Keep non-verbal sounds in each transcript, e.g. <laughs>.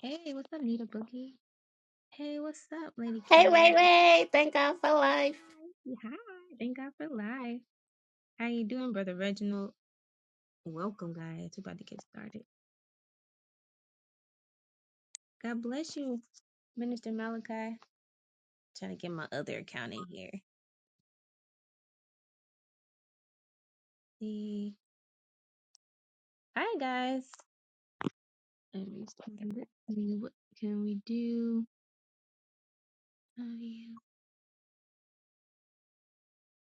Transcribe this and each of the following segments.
Hey, what's up, Nita Boogie? Hey, what's up, Lady Hey, Carol? wait, wait. Thank God for life. Hi. Yeah, Hi. Thank God for life. How you doing, Brother Reginald? Welcome, guys. We're about to get started. God bless you, Minister Malachi. Trying to get my other account in here. See. Hi, guys. Let me see. What can we do? Oh, yeah.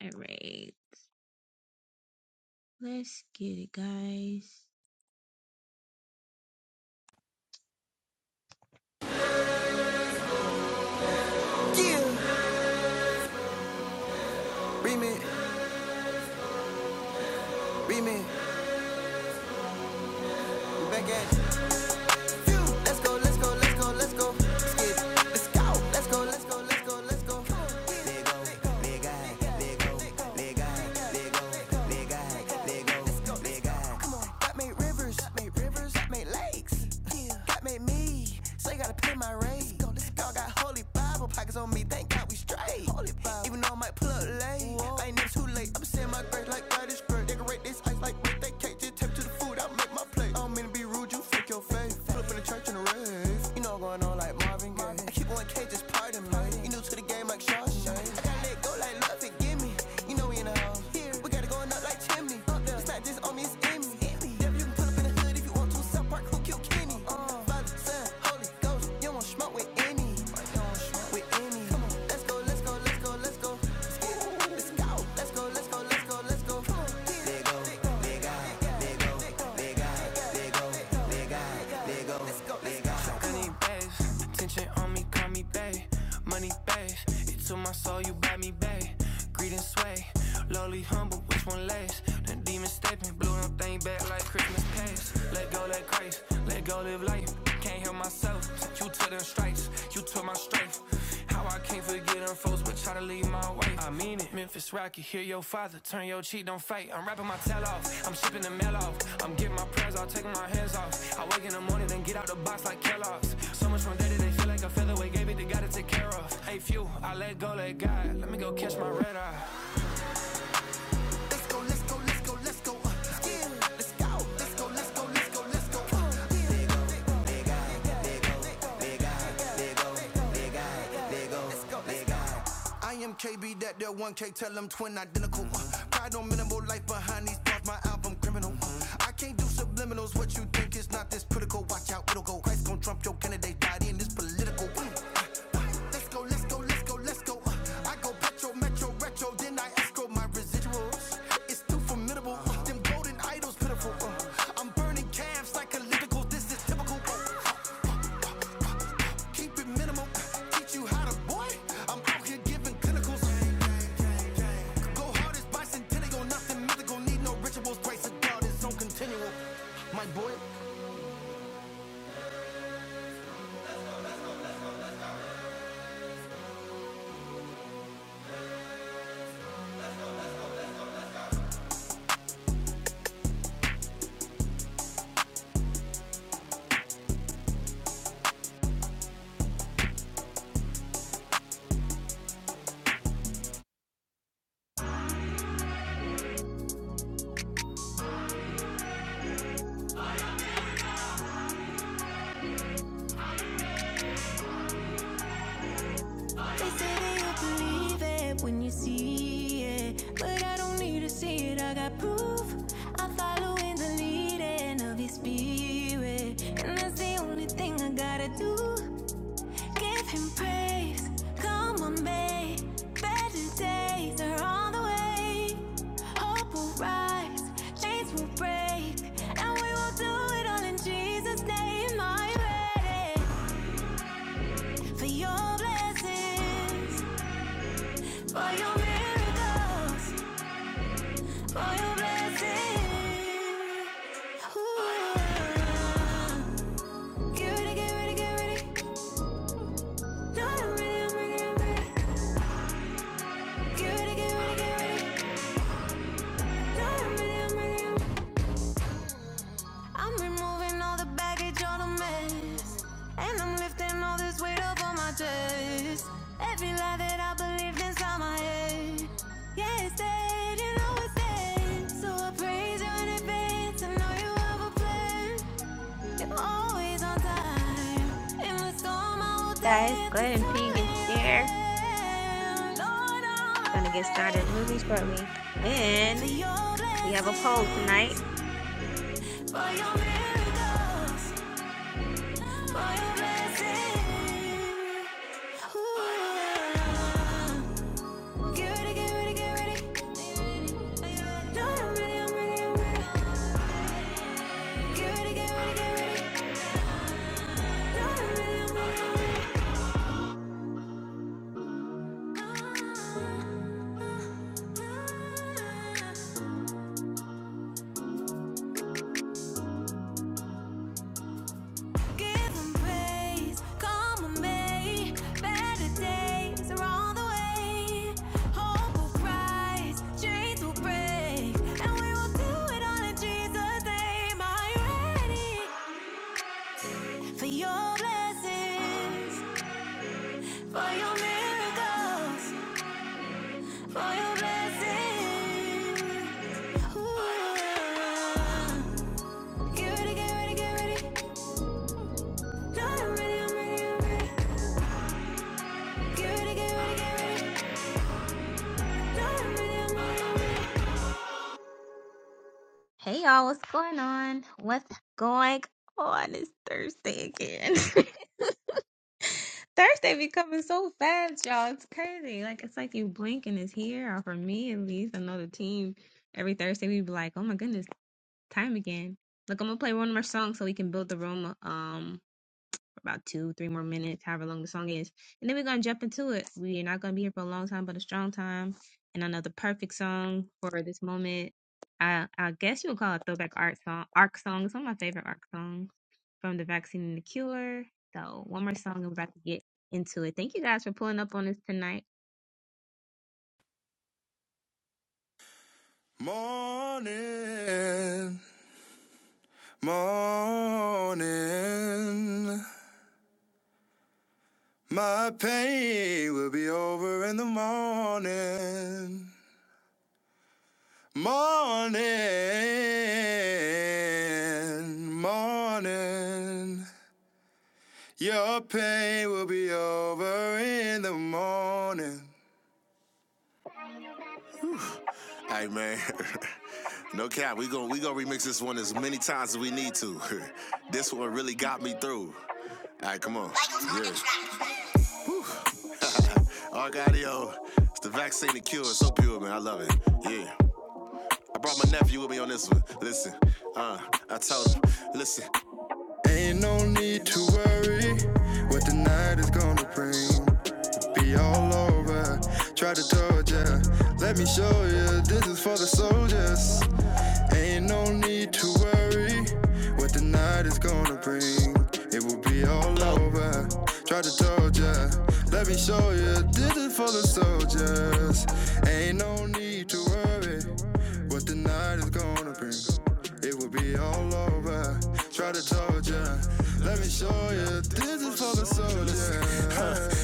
All right. Let's get it, guys. Yeah. Remit, remit, we back at it. Let's go, let's go, let's go, let's go. God made rivers, God made rivers, God made lakes. Yeah. God made me, so you gotta pay my rate. Let's go, let's go. got holy Bible pockets on me, thank God we straight. Holy Bible. Even though I might pull up late, Whoa. I ain't never too late. I'm saying my grace like God is great. Decorate this ice like birthday cake, just tap to the food. I make my play. I don't mean to be rude, you fake your face. Pull up in the church in the rave. You know I'm going on like Marvin Gaye. I keep on K, just pardon me. You new to the game like Shawshank. I gotta let go like love and give me. You know we in the house. We got it going up like chimney. Up there. It's not just on me, it's in me. Yeah, you can pull up in the hood if you want to. South Park, who killed Kenny? Uh, Fly Dolly, ghost. You don't want smoke with any. With any. Honey, babe. Attention on me, call me babe. Money, babe. it took my soul, you buy me, babe. Greed and sway. Lowly, humble, which one lasts? The demon stepping, blew them thing back like Christmas past. Let go, let grace. Let go, live life. Can't help myself. You took them stripes. You took my strength. How I can't forget them folks, but try to leave my wife. I mean it. Memphis Rocky, hear your father, turn your cheek, don't fight. I'm rapping my tail off, I'm shipping the mail off. I'm getting my prayers off, taking my hands off. I wake in the morning, then get out the box like Kellogg's. So much from day to day, feel like a featherweight, gave it to God to take care of. Hey, few, I let go, let God. Let me go catch my red eye. I am KB, that there 1K, tell them twin identical. Uh, pride on minimal life behind these thoughts, my album criminal. Uh, I can't do subliminals, what you think is not this critical. Watch out, it'll go. Christ gon' trump your candidate body in this political. Mm. Let's go, let's go, let's go, let's go. Uh, I go petro, metro, retro, then I escrow my residuals. It's too formidable, uh, them golden idols pitiful. Uh, I'm burning calves like a this is typical. Uh, keep it minimal, uh, teach you how to boy. I'm out here giving clinicals. Go hard as bicentennial, nothing mythical. Need no rituals, grace of God is on continual. My boy, They say that you believe it when you see it. But I don't need to see it, I got proof. I'm following the leading of your spirit. And that's the only thing I gotta do. Give him praise. Come on, babe. Better days are on the way. Hope will rise, chains will break, and we will do it all in Jesus' name. I'm ready for your blessings, for your miracles, for your blessings. Ooh. Get ready, get ready, get ready. No, no, I'm ready, I'm ready, I'm ready. Get ready, get ready, get ready. I'm removing all the baggage, all the mess. And I'm lifting all this weight up on my chest. Every lie that I believed inside my head. Yeah, it's dead, you know it's dead. So I praise you in advance. I know you have a plan. You're always on time. In the storm, I will Guys, go dance. ahead It's and ping all and in your share. hand. Lord, We're going to get started really shortly. I'm ready for And your We have a poll tonight. blessings. For your miracles, for your blessings. Ooh. Get ready, get ready, get ready. No, I'm ready, I'm ready, I'm ready. Get ready, get ready, get ready. No, I'm ready, I'm ready, I'm ready. Give him praise, come on, May. Better days are on the way. Hope will rise, chains will break, and we will do it all in Jesus' name. Are you ready for your blessings, for your miracles, for your blessings? Ooh. yeah. Get ready, get ready, get ready. No, I'm ready, I'm ready, I'm ready. Get ready, get ready, get ready. Hey y'all, what's going on? What's going on? It's Thursday again. <laughs> Thursday be coming so fast, y'all. It's crazy. Like it's like you blink and it's here. Or for me at least, I know the team. Every Thursday we be like, oh my goodness, time again. Look, I'm gonna play one more song so we can build the room. Um, about two, three more minutes, however long the song is. And then we're gonna jump into it. We're not gonna be here for a long time, but a strong time. And another perfect song for this moment. I I guess you would call it throwback art song arc song. It's one of my favorite arc songs from the vaccine and the cure. So one more song and we're about to get into it. Thank you guys for pulling up on us tonight. Morning, morning. My pain will be over in the morning. Morning, morning. Your pain will be over in the morning. Hey man, <laughs> no cap. We going we going remix this one as many times as we need to. <laughs> this one really got me through. All right, come on. Yeah. Argadio, it's the vaccine to cure. It's so pure, man. I love it. Yeah. I brought my nephew with me on this one. Listen, uh, I told him, listen. Ain't no need to worry what the night is gonna bring. Be all over. Try to torture, Let me show you. This is for the soldiers. Ain't no need to worry what the night is gonna bring. It will be all over. Try to told ya, let me show ya. This is for the soldiers. Ain't no need to worry what the night is gonna bring. It will be all over. Try to told ya, let me show ya. This is for the soldiers.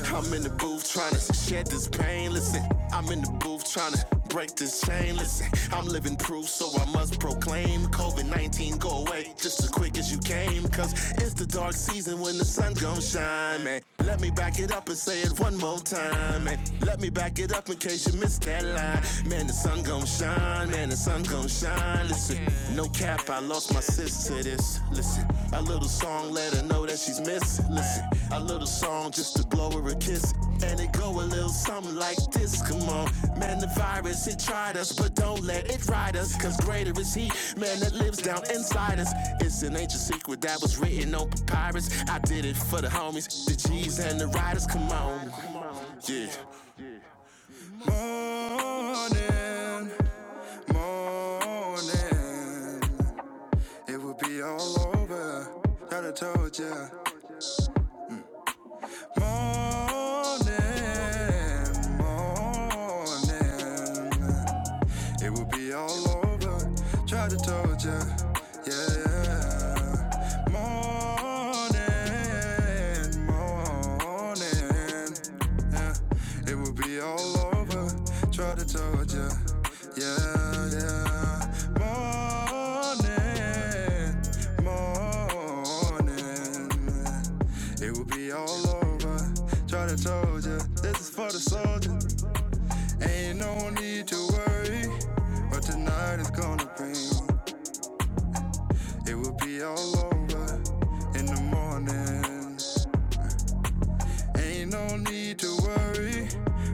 I'm in the booth tryna shed this pain. Listen, I'm in the booth tryna break this chain. Listen, I'm living proof, so I must proclaim COVID 19 go away just as quick as you came. Cause it's the dark season when the sun gon' shine, man. Let me back it up and say it one more time, man. Let me back it up in case you missed that line. Man, the sun gon' shine, man, the sun gon' shine. Listen, no cap, if I lost my sis to this, listen. A little song let her know that she's missing. Listen, a little song just to blow her a kiss. And it go a little something like this. Come on, man, the virus, it tried us, but don't let it ride us. Cause greater is he, man, that lives down inside us. It's an ancient secret that was written on papyrus. I did it for the homies, the G's and the riders. Come on, yeah. Morning, morning. It would be all over. Thought I told ya. Morning, morning it will be all over. Tried to told ya, yeah, yeah. Morning, morning, yeah, it will be all over. Tried to told ya, yeah, yeah. Morning, morning, it will be all over. Tried to told ya, this is for the soldiers. Ain't no need to worry what tonight is gonna bring. It will be all over in the morning. Ain't no need to worry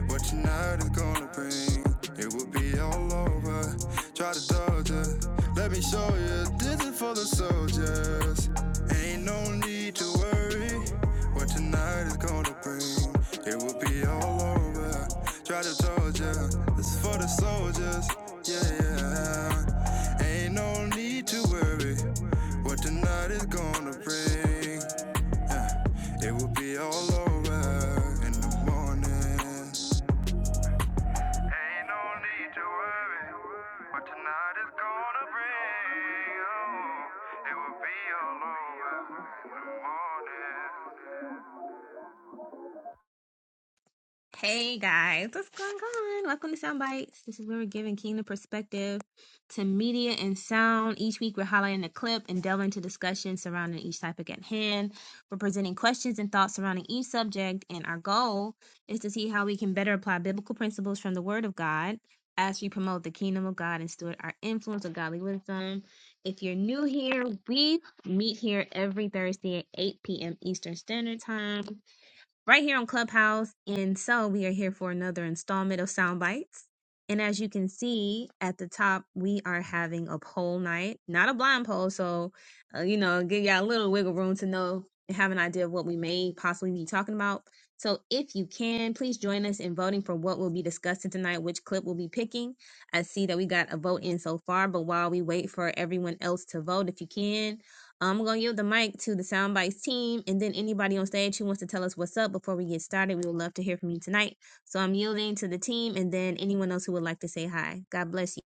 what tonight is gonna bring. It will be all over. Try to dodge it. Let me show you this is for the soldiers. Ain't no need to worry what tonight is gonna bring. It will be all over. Try to dodge it. This is for the soldiers. Yeah, yeah. Ain't no need to worry what tonight is gonna bring. It will be all over in the morning. Ain't no need to worry what tonight is gonna bring. Oh, it will be all over in the morning. Hey guys, what's going on? Welcome to Sound Bites. This is where we're giving kingdom perspective to media and sound. Each week, we're highlighting a clip and delving into discussion surrounding each topic at hand. We're presenting questions and thoughts surrounding each subject, and our goal is to see how we can better apply biblical principles from the Word of God as we promote the kingdom of God and steward our influence with godly wisdom. If you're new here, we meet here every Thursday at 8 p.m. Eastern Standard Time right here on Clubhouse. And so we are here for another installment of Sound Bites. And as you can see at the top, we are having a poll night, not a blind poll. So, uh, you know, give y'all a little wiggle room to know and have an idea of what we may possibly be talking about. So, if you can, please join us in voting for what will be discussed tonight, which clip we'll be picking. I see that we got a vote in so far, but while we wait for everyone else to vote, if you can, I'm gonna give the mic to the Soundbites team, and then anybody on stage who wants to tell us what's up before we get started, we would love to hear from you tonight. So I'm yielding to the team, and then anyone else who would like to say hi. God bless you.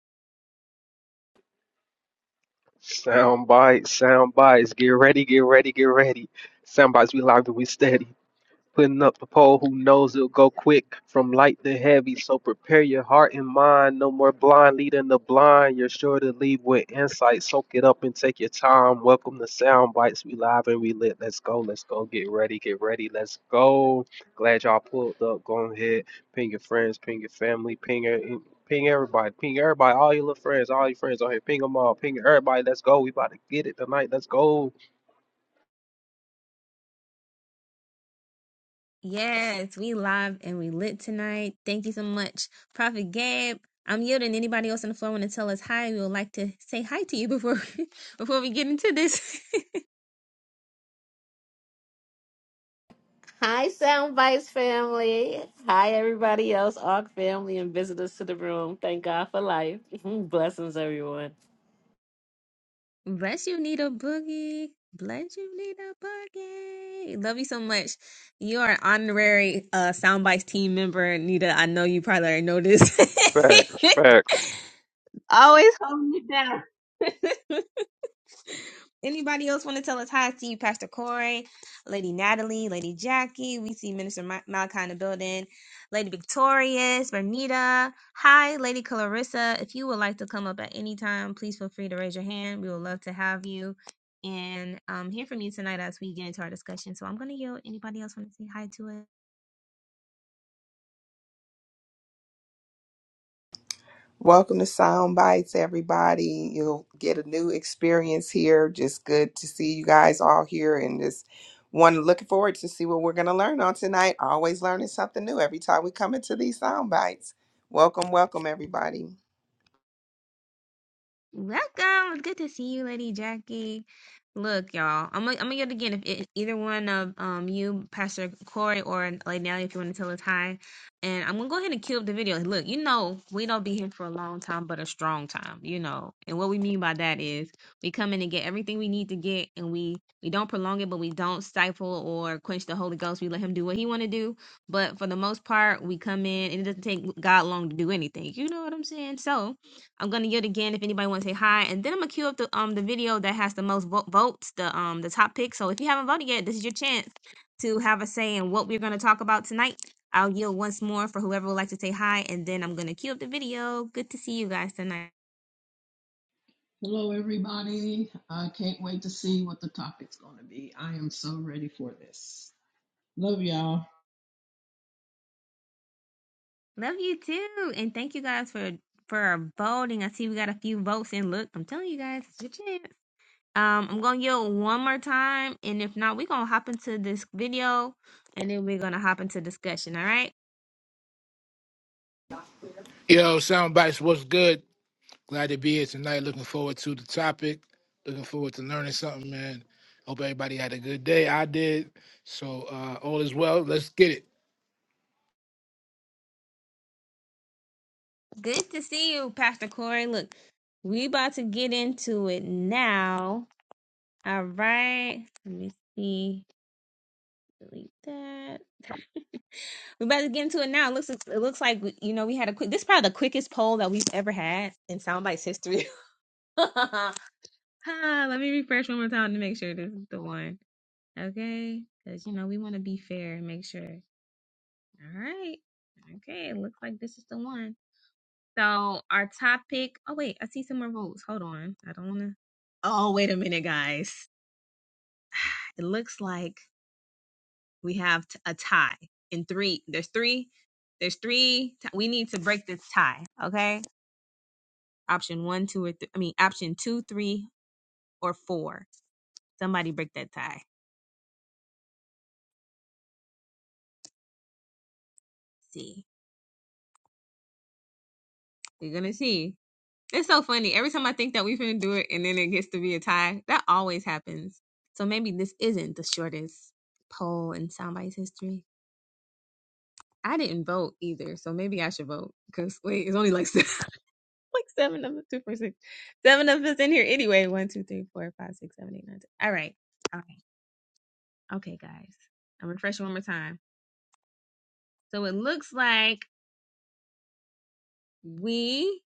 Sound bites, sound bites. Get ready, get ready, get ready. Sound bites, we live and we steady putting up the pole who knows it'll go quick from light to heavy so prepare your heart and mind no more blind leading the blind you're sure to leave with insight soak it up and take your time welcome to sound bites we live and we lit let's go let's go get ready get ready let's go glad y'all pulled up go ahead ping your friends ping your family ping your Ping everybody, ping everybody, all your little friends, all your friends on here, ping them all, ping everybody. Let's go. We about to get it tonight. Let's go. Yes, we live and we lit tonight. Thank you so much, Prophet Gabe. I'm yielding. Anybody else on the floor want to tell us hi? We would like to say hi to you before <laughs> before we get into this. <laughs> Hi, Soundbites family. Hi, everybody else, ARC family, and visitors to the room. Thank God for life. <laughs> Blessings, everyone. Bless you, Nita Boogie. Bless you, Nita Boogie. Love you so much. You are an honorary uh, Soundbites team member, Nita. I know you probably already know this. Facts, facts. <laughs> Always. <laughs> Anybody else want to tell us hi? I see you, Pastor Corey, Lady Natalie, Lady Jackie. We see Minister Ma- Malachi in the building, Lady Victorious, Bernita. Hi, Lady Clarissa. If you would like to come up at any time, please feel free to raise your hand. We would love to have you and um, hear from you tonight as we get into our discussion. So I'm going to yield. Anybody else want to say hi to us? Welcome to Sound Bites, everybody. You'll get a new experience here. Just good to see you guys all here and just one looking forward to see what we're going to learn on tonight. Always learning something new every time we come into these Sound Bites. Welcome, welcome, everybody. Welcome. It's good to see you, Lady Jackie. Look, y'all. I'm gonna I'm gonna get it again. If it, either one of um you, Pastor Corey or Lady Nelly, if you want to tell us hi, and I'm gonna go ahead and cue up the video. Look, you know we don't be here for a long time, but a strong time. You know, and what we mean by that is we come in and get everything we need to get, and we we don't prolong it, but we don't stifle or quench the Holy Ghost. We let Him do what He want to do. But for the most part, we come in, and it doesn't take God long to do anything. You know what I'm saying? So. I'm gonna yield again if anybody wants to say hi, and then I'm gonna queue up the um the video that has the most vo- votes, the um the top pick. So if you haven't voted yet, this is your chance to have a say in what we're gonna talk about tonight. I'll yield once more for whoever would like to say hi, and then I'm gonna queue up the video. Good to see you guys tonight. Love you too, and thank you guys for for voting. I see we got a few votes in. Look, I'm telling you guys, it's your chance. Um, I'm gonna yield one more time, and if not, we're gonna hop into this video, and then we're gonna hop into discussion. All right. Yo, Soundbites, what's good? Glad to be here tonight. Looking forward to the topic. Looking forward to learning something, man. Hope everybody had a good day. I did. So uh all is well. Let's get it. Good to see you, Pastor Corey. Look, we about to get into it now. All right. Let me see. Delete that. We about to get into it now. It looks it looks like you know we had a quick. This is probably the quickest poll that we've ever had in Soundbites history. <laughs> Ah, Let me refresh one more time to make sure this is the one. Okay, because you know we want to be fair and make sure. All right. Okay, it looks like this is the one. So our topic. Oh wait, I see some more votes. Hold on. I don't want to. Oh wait a minute, guys. It looks like we have t- a tie in three. There's three. There's three. T- we need to break this tie. Okay. Option one, two, or three. I mean, option two, three, or four. Somebody break that tie. See, you're gonna see. It's so funny. Every time I think that we're gonna do it, and then it gets to be a tie. That always happens. So maybe this isn't the shortest poll in somebody's history. I didn't vote either, so maybe I should vote because wait, it's only like seven, <laughs> like seven of us, two, four, six, seven of us in here anyway. One, two, three, four, five, six, seven, eight, nine, ten. All right, all right, okay, guys. I'm refreshing one more time. So it looks like we.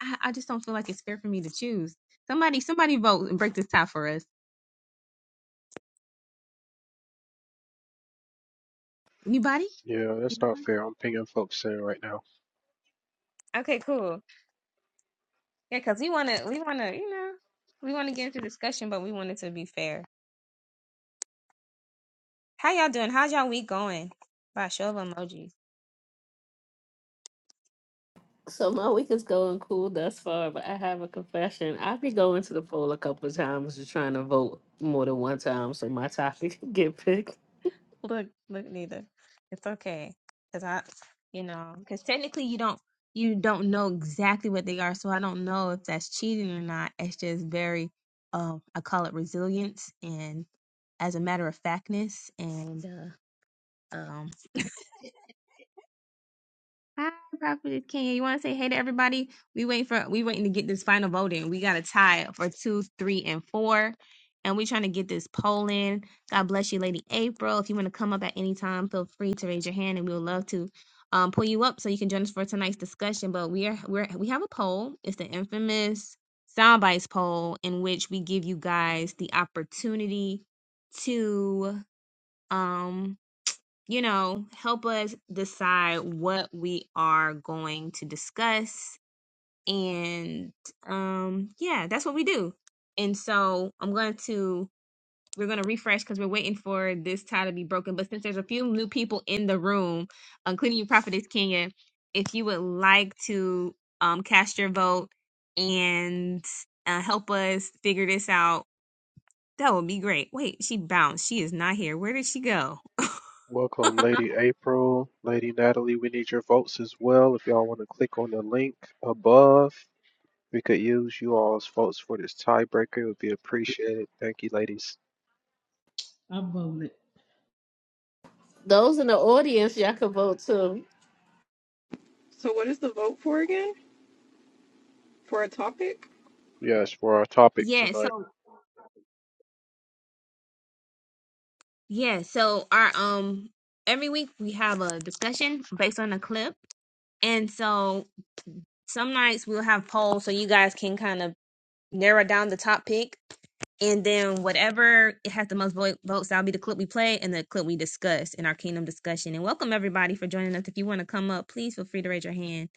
I, I just don't feel like it's fair for me to choose. Somebody, somebody vote and break this tie for us. Anybody? Yeah, that's not Anybody? fair. I'm pinging folks in right now. Okay, cool. Yeah, because we want to, we want to, you know, we want to get into discussion, but we want it to be fair. How y'all doing? How's y'all week going? By show of emojis. So, my week is going cool thus far, but I have a confession. I've been going to the poll a couple of times and trying to vote more than one time so my topic <laughs> can get picked. Look, look, neither. It's okay, cause I, you know, cause technically you don't you don't know exactly what they are, so I don't know if that's cheating or not. It's just very, um, I call it resilience and as a matter of factness and uh, um. <laughs> Hi, Prophet Kenya. You want to say hey to everybody? We waiting for we waiting to get this final vote in. We got a tie for two, three, and four, and we trying to get this poll in. God bless you, Lady April. If you want to come up at any time, feel free to raise your hand, and we would love to um, pull you up so you can join us for tonight's discussion. But we are we're we have a poll. It's the infamous soundbites poll in which we give you guys the opportunity to um you know, help us decide what we are going to discuss. And um, yeah, that's what we do. And so I'm going to, we're going to refresh because we're waiting for this tie to be broken. But since there's a few new people in the room, including you, Prophetess Kenya, if you would like to um, cast your vote and uh, help us figure this out, that would be great. Wait, she bounced. She is not here. Where did she go? <laughs> Welcome, Lady April, Lady Natalie. We need your votes as well. If y'all want to click on the link above, we could use you all's votes for this tiebreaker. It would be appreciated. Thank you, ladies. Those in the audience, y'all can vote too. So, what is the vote for again? For a topic? Yes, for our topic Yeah, so tonight. Yeah, so our um every week we have a discussion based on a clip. And so some nights we'll have polls so you guys can kind of narrow down the top pick and then whatever it has the most vo- votes that'll be the clip we play and the clip we discuss in our kingdom discussion. And welcome everybody for joining us. If you want to come up, please feel free to raise your hand.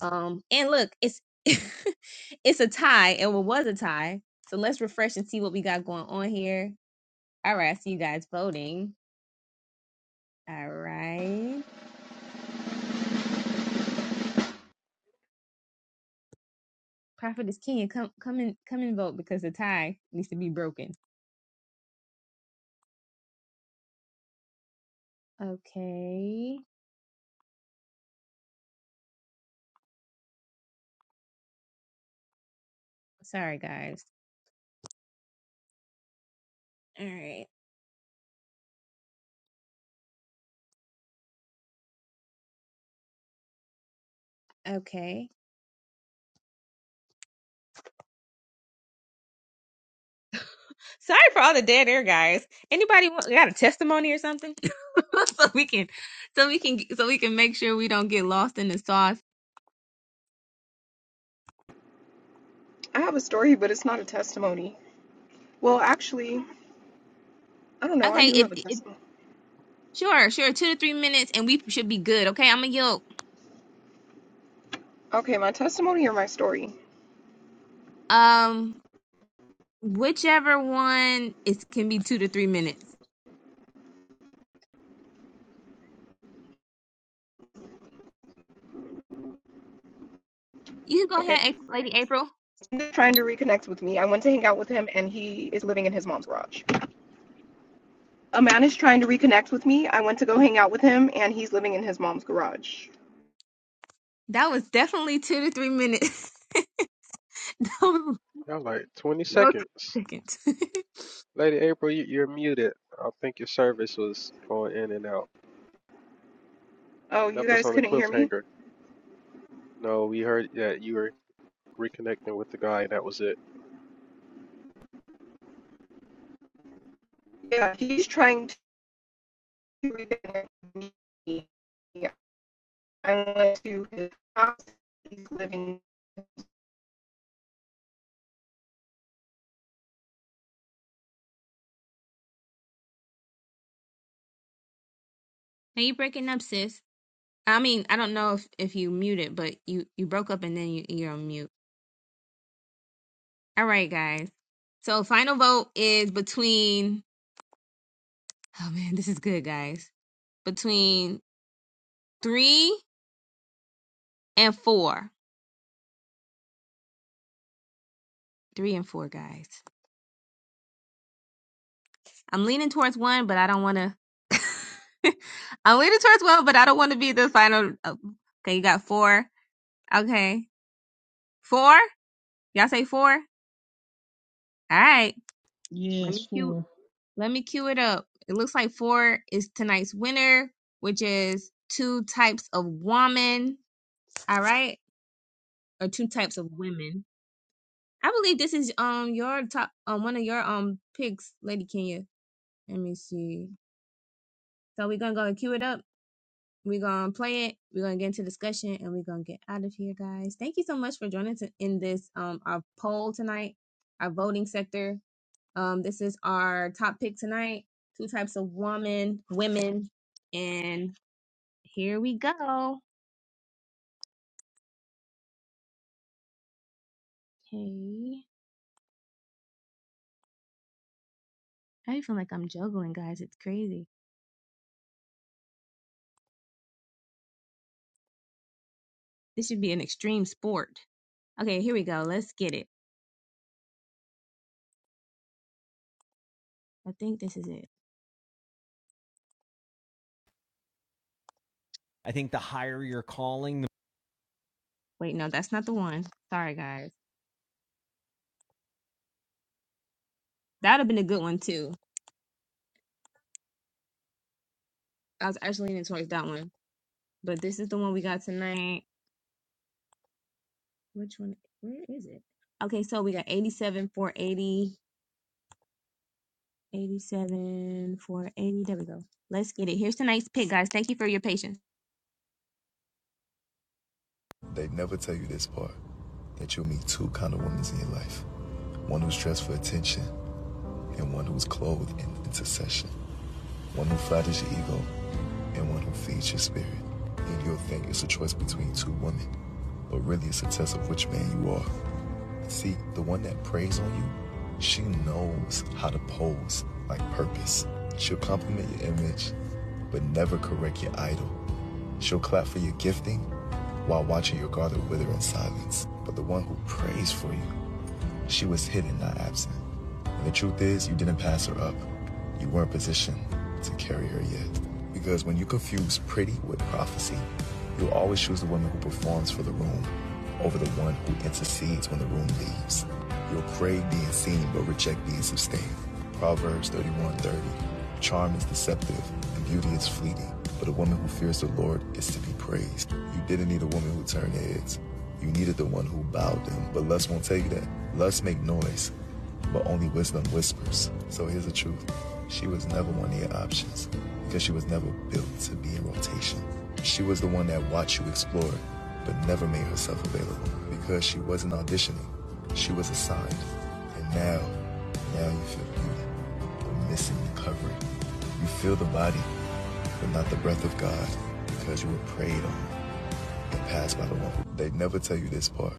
Um and look, it's <laughs> it's a tie. It wa- was a tie. So let's refresh and see what we got going on here. All right, I see you guys voting. All right. Prophet is king. Come, come and come and vote because the tie needs to be broken. Okay. Sorry, guys. All right. Okay. Sorry for all the dead air, guys. Anybody want, got a testimony or something? <laughs> so we can, so we can, so we can make sure we don't get lost in the sauce. I have a story, but it's not a testimony. Well, actually, I don't know. I Okay. do If, have a if testimony. sure, sure, two to three minutes, and we should be good. Okay. I'm a yoke. Okay, my testimony or my story? Um, whichever one is can be two to three minutes. You can go Okay. ahead, Ap- Lady April. He's Trying to reconnect with me. I went to hang out with him, and he is living in his mom's garage. A man is trying to reconnect with me. I went to go hang out with him, and he's living in his mom's garage. That was definitely two to three minutes. <laughs> <laughs> no Y'all like 20 it's seconds. seconds. <laughs> now Lady April, you- you're muted. I think your service was going in and out. Oh, you Left us guys on a couldn't hear me? cliffhanger. No, we heard that you were reconnecting with the guy, and that was it. Yeah, he's trying to reconnect with me. I went to his house. He's living you breaking up, sis. I mean, I don't know if if you muted, but you you broke up and then you you're on mute. All right, guys. So final vote is between. Oh man, this is good, guys. Between three and four. Three and four, guys. I'm leaning towards one, but I don't want to. <laughs> I'm leaning towards one, but I don't want to be the final. oh, Okay, you got four. Okay, four. Y'all say four. All right. Let me cue. Let me cue it up. It looks like four is tonight's winner, which is two types of woman. All right, or two types of women. I believe this is um your top um one of your um picks, Lady Kenya. Let me see. So we're gonna go and cue it up. We're gonna play it. We're gonna get into discussion, and we're gonna get out of here, guys. Thank you so much for joining to, in this um our poll tonight, our voting sector. Um, this is our top pick tonight. Two types of woman, women, and Here we go. Hey. I feel like I'm juggling, guys. It's crazy. This should be an extreme sport. Okay, here we go. Let's get it. I think this is it. I think the higher your calling, the Wait, no, that's not the one. Sorry, guys. That would have been a good one, too. I was actually leaning towards that one. But this is the one we got tonight. Which one? Where is it? Okay, so we got 87, 480. 87, 480. There we go. Let's get it. Here's tonight's pick, guys. Thank you for your patience. They'd never tell you this part that you'll meet two kind of women in your life one who's dressed for attention and one who's clothed in intercession. one who flatters your ego and one who feeds your spirit. And you'll think it's a choice between two women, but really it's a test of which man you are. See, the one that preys on you, she knows how to pose like purpose. She'll compliment your image, but never correct your idol. She'll clap for your gifting while watching your garden wither in silence. But the one who prays for you, she was hidden, not absent. And the truth is, you didn't pass her up. You weren't positioned to carry her yet. Because when you confuse pretty with prophecy, you'll always choose the woman who performs for the room over the one who intercedes when the room leaves. You'll crave being seen but reject being sustained. Proverbs 31:30. Charm is deceptive and beauty is fleeting, but a woman who fears the Lord is to be praised. You didn't need a woman who turned heads. You needed the one who bowed them, but lust won't tell you that. Lust make noise, but only wisdom whispers. So here's the truth she was never one of your options because she was never built to be in rotation. She was the one that watched you explore, but never made herself available because she wasn't auditioning. She was assigned. And now, now you feel beauty, but missing the covering. You feel the body, but not the breath of God because you were preyed on and passed by the one. They never tell you this part.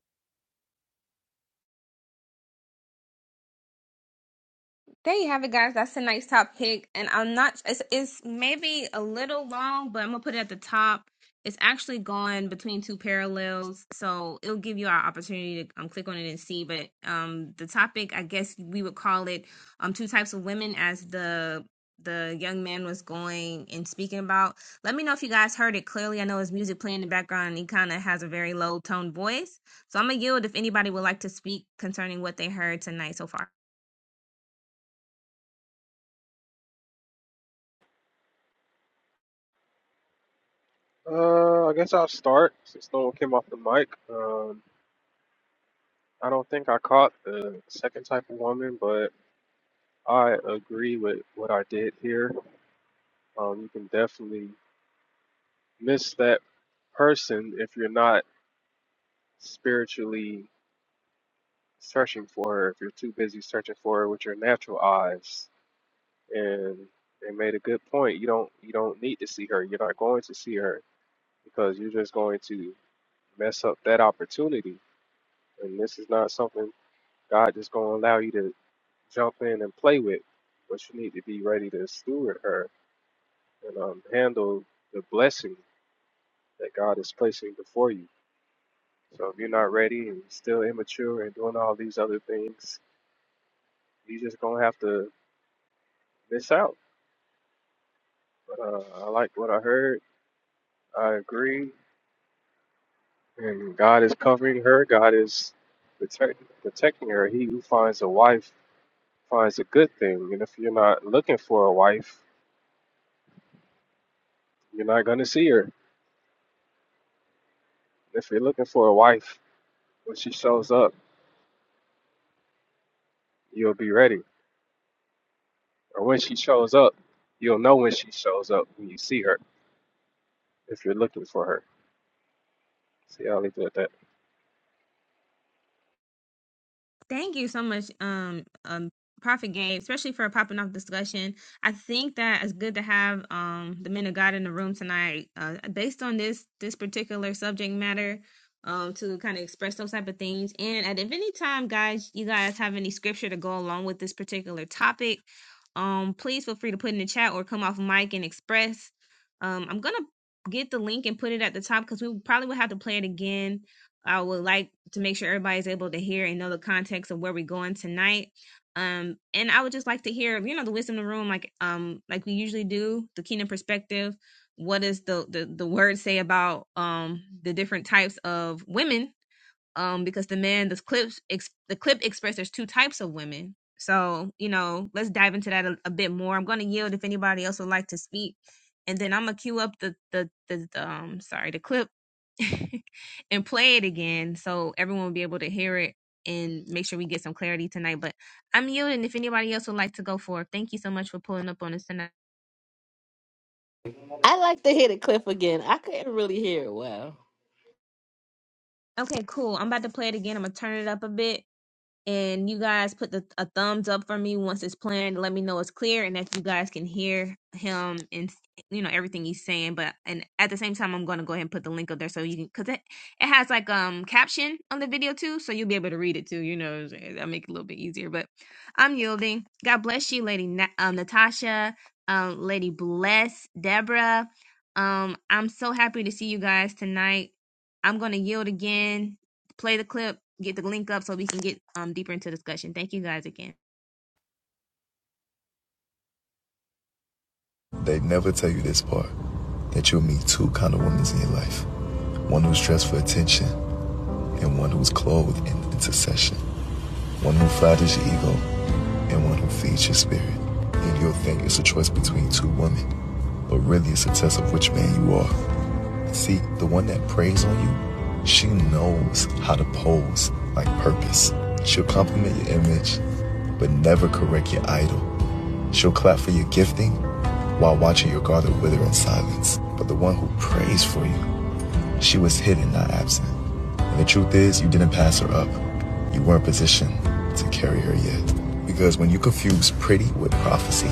There you have it, guys. That's a nice top pick, and I'm not. It's it's maybe a little long, but I'm gonna put it at the top. It's actually going between two parallels, so it'll give you our opportunity to um, click on it and see. But um, the topic, I guess we would call it um, two types of women, as the the young man was going and speaking about. Let me know if you guys heard it clearly. I know his music playing in the background, and he kind of has a very low tone voice. So I'm gonna yield if anybody would like to speak concerning what they heard tonight so far. Uh, I guess I'll start since no one came off the mic. Um, I don't think I caught the second type of woman, but I agree with what I did here. Um, you can definitely miss that person if you're not spiritually searching for her, if you're too busy searching for her with your natural eyes. And they made a good point. You don't you don't need to see her. You're not going to see her because you're just going to mess up that opportunity. And this is not something God just gonna allow you to jump in and play with, but you need to be ready to steward her and um, handle the blessing that God is placing before you. So if you're not ready and you're still immature and doing all these other things, you're just gonna have to miss out. But uh, I like what I heard. I agree, and God is covering her. God is protect, protecting her. He who finds a wife finds a good thing, and if you're not looking for a wife, you're not gonna see her. If you're looking for a wife, When she shows up, you'll be ready. Or when she shows up, you'll know when she shows up when you see her, if you're looking for her. See, I'll leave it at that. Thank you so much, um, um, Prophet Gabe, especially for a popping off discussion. I think that it's good to have um the men of God in the room tonight, uh, based on this this particular subject matter, um, to kind of express those type of things. And at if any time, guys, you guys have any scripture to go along with this particular topic, um, please feel free to put in the chat or come off mic and express. Um, I'm gonna get the link and put it at the top because we probably will have to play it again I would like to make sure everybody's able to hear and know the context of where we're going tonight. Um, and I would just like to hear, you know, the wisdom of the room, like um, like we usually do, the kingdom perspective. What does the the, the word say about um the different types of women um, because the man, the clips, ex- the clip expressed there's two types of women. So you know, let's dive into that a, a bit more. I'm going to yield if anybody else would like to speak, and then I'm gonna queue up the the the, the um sorry the clip <laughs> and play it again so everyone will be able to hear it and make sure we get some clarity tonight. But I'm yielding if anybody else would like to go for it. Thank you so much for pulling up on us tonight. I like to hear the clip again. I couldn't really hear it well. Okay, cool. I'm about to play it again. I'm gonna turn it up a bit and you guys put the, a thumbs up for me once it's planned. Let me know it's clear and that you guys can hear him and you know everything he's saying. But and at the same time, I'm going to go ahead and put the link up there so you can because it it has like um caption on the video too, so you'll be able to read it too. You know, what I'm saying? that'll make it a little bit easier. But I'm yielding. God bless you, Lady Na- um, Natasha, um, Lady Bless, Deborah. Um, I'm so happy to see you guys tonight. I'm gonna yield again play the clip, get the link up so we can get um deeper into discussion. Thank you guys again. They never tell you this part that you'll meet two kind of women in your life one who's dressed for attention, and one who's clothed in intercession, one who flatters your ego, and one who feeds your spirit. And you'll think it's a choice between two women, but really it's a test of which man you are. See, the one that preys on you, she knows how to pose like purpose. She'll compliment your image, but never correct your idol. She'll clap for your gifting while watching your garden wither in silence. But the one who prays for you, She was hidden, not absent. And the truth is, you didn't pass her up. You weren't positioned to carry her yet. Because when you confuse pretty with prophecy,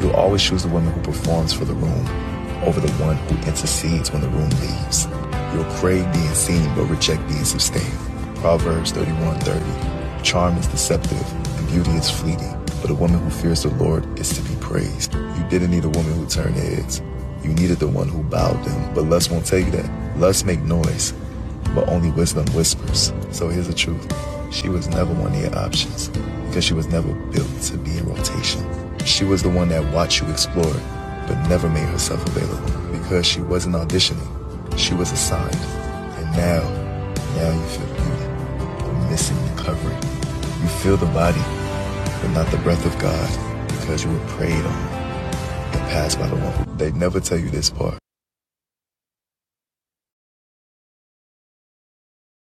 you'll always choose the woman who performs for the room over the one who intercedes when the room leaves. You'll crave being seen but reject being sustained. Proverbs 31:30. Charm is deceptive and beauty is fleeting, but a woman who fears the Lord is to be praised. You didn't need a woman who turned heads. You needed the one who bowed them, but lust won't tell you that. Lust make noise, but only wisdom whispers. So here's the truth she was never one of your options because she was never built to be in rotation. She was the one that watched you explore, but never made herself available because she wasn't auditioning. She was assigned. And now, now you feel beauty, but missing the covering. You feel the body, but not the breath of God because you were preyed on and passed by the one. They'd never tell you this part.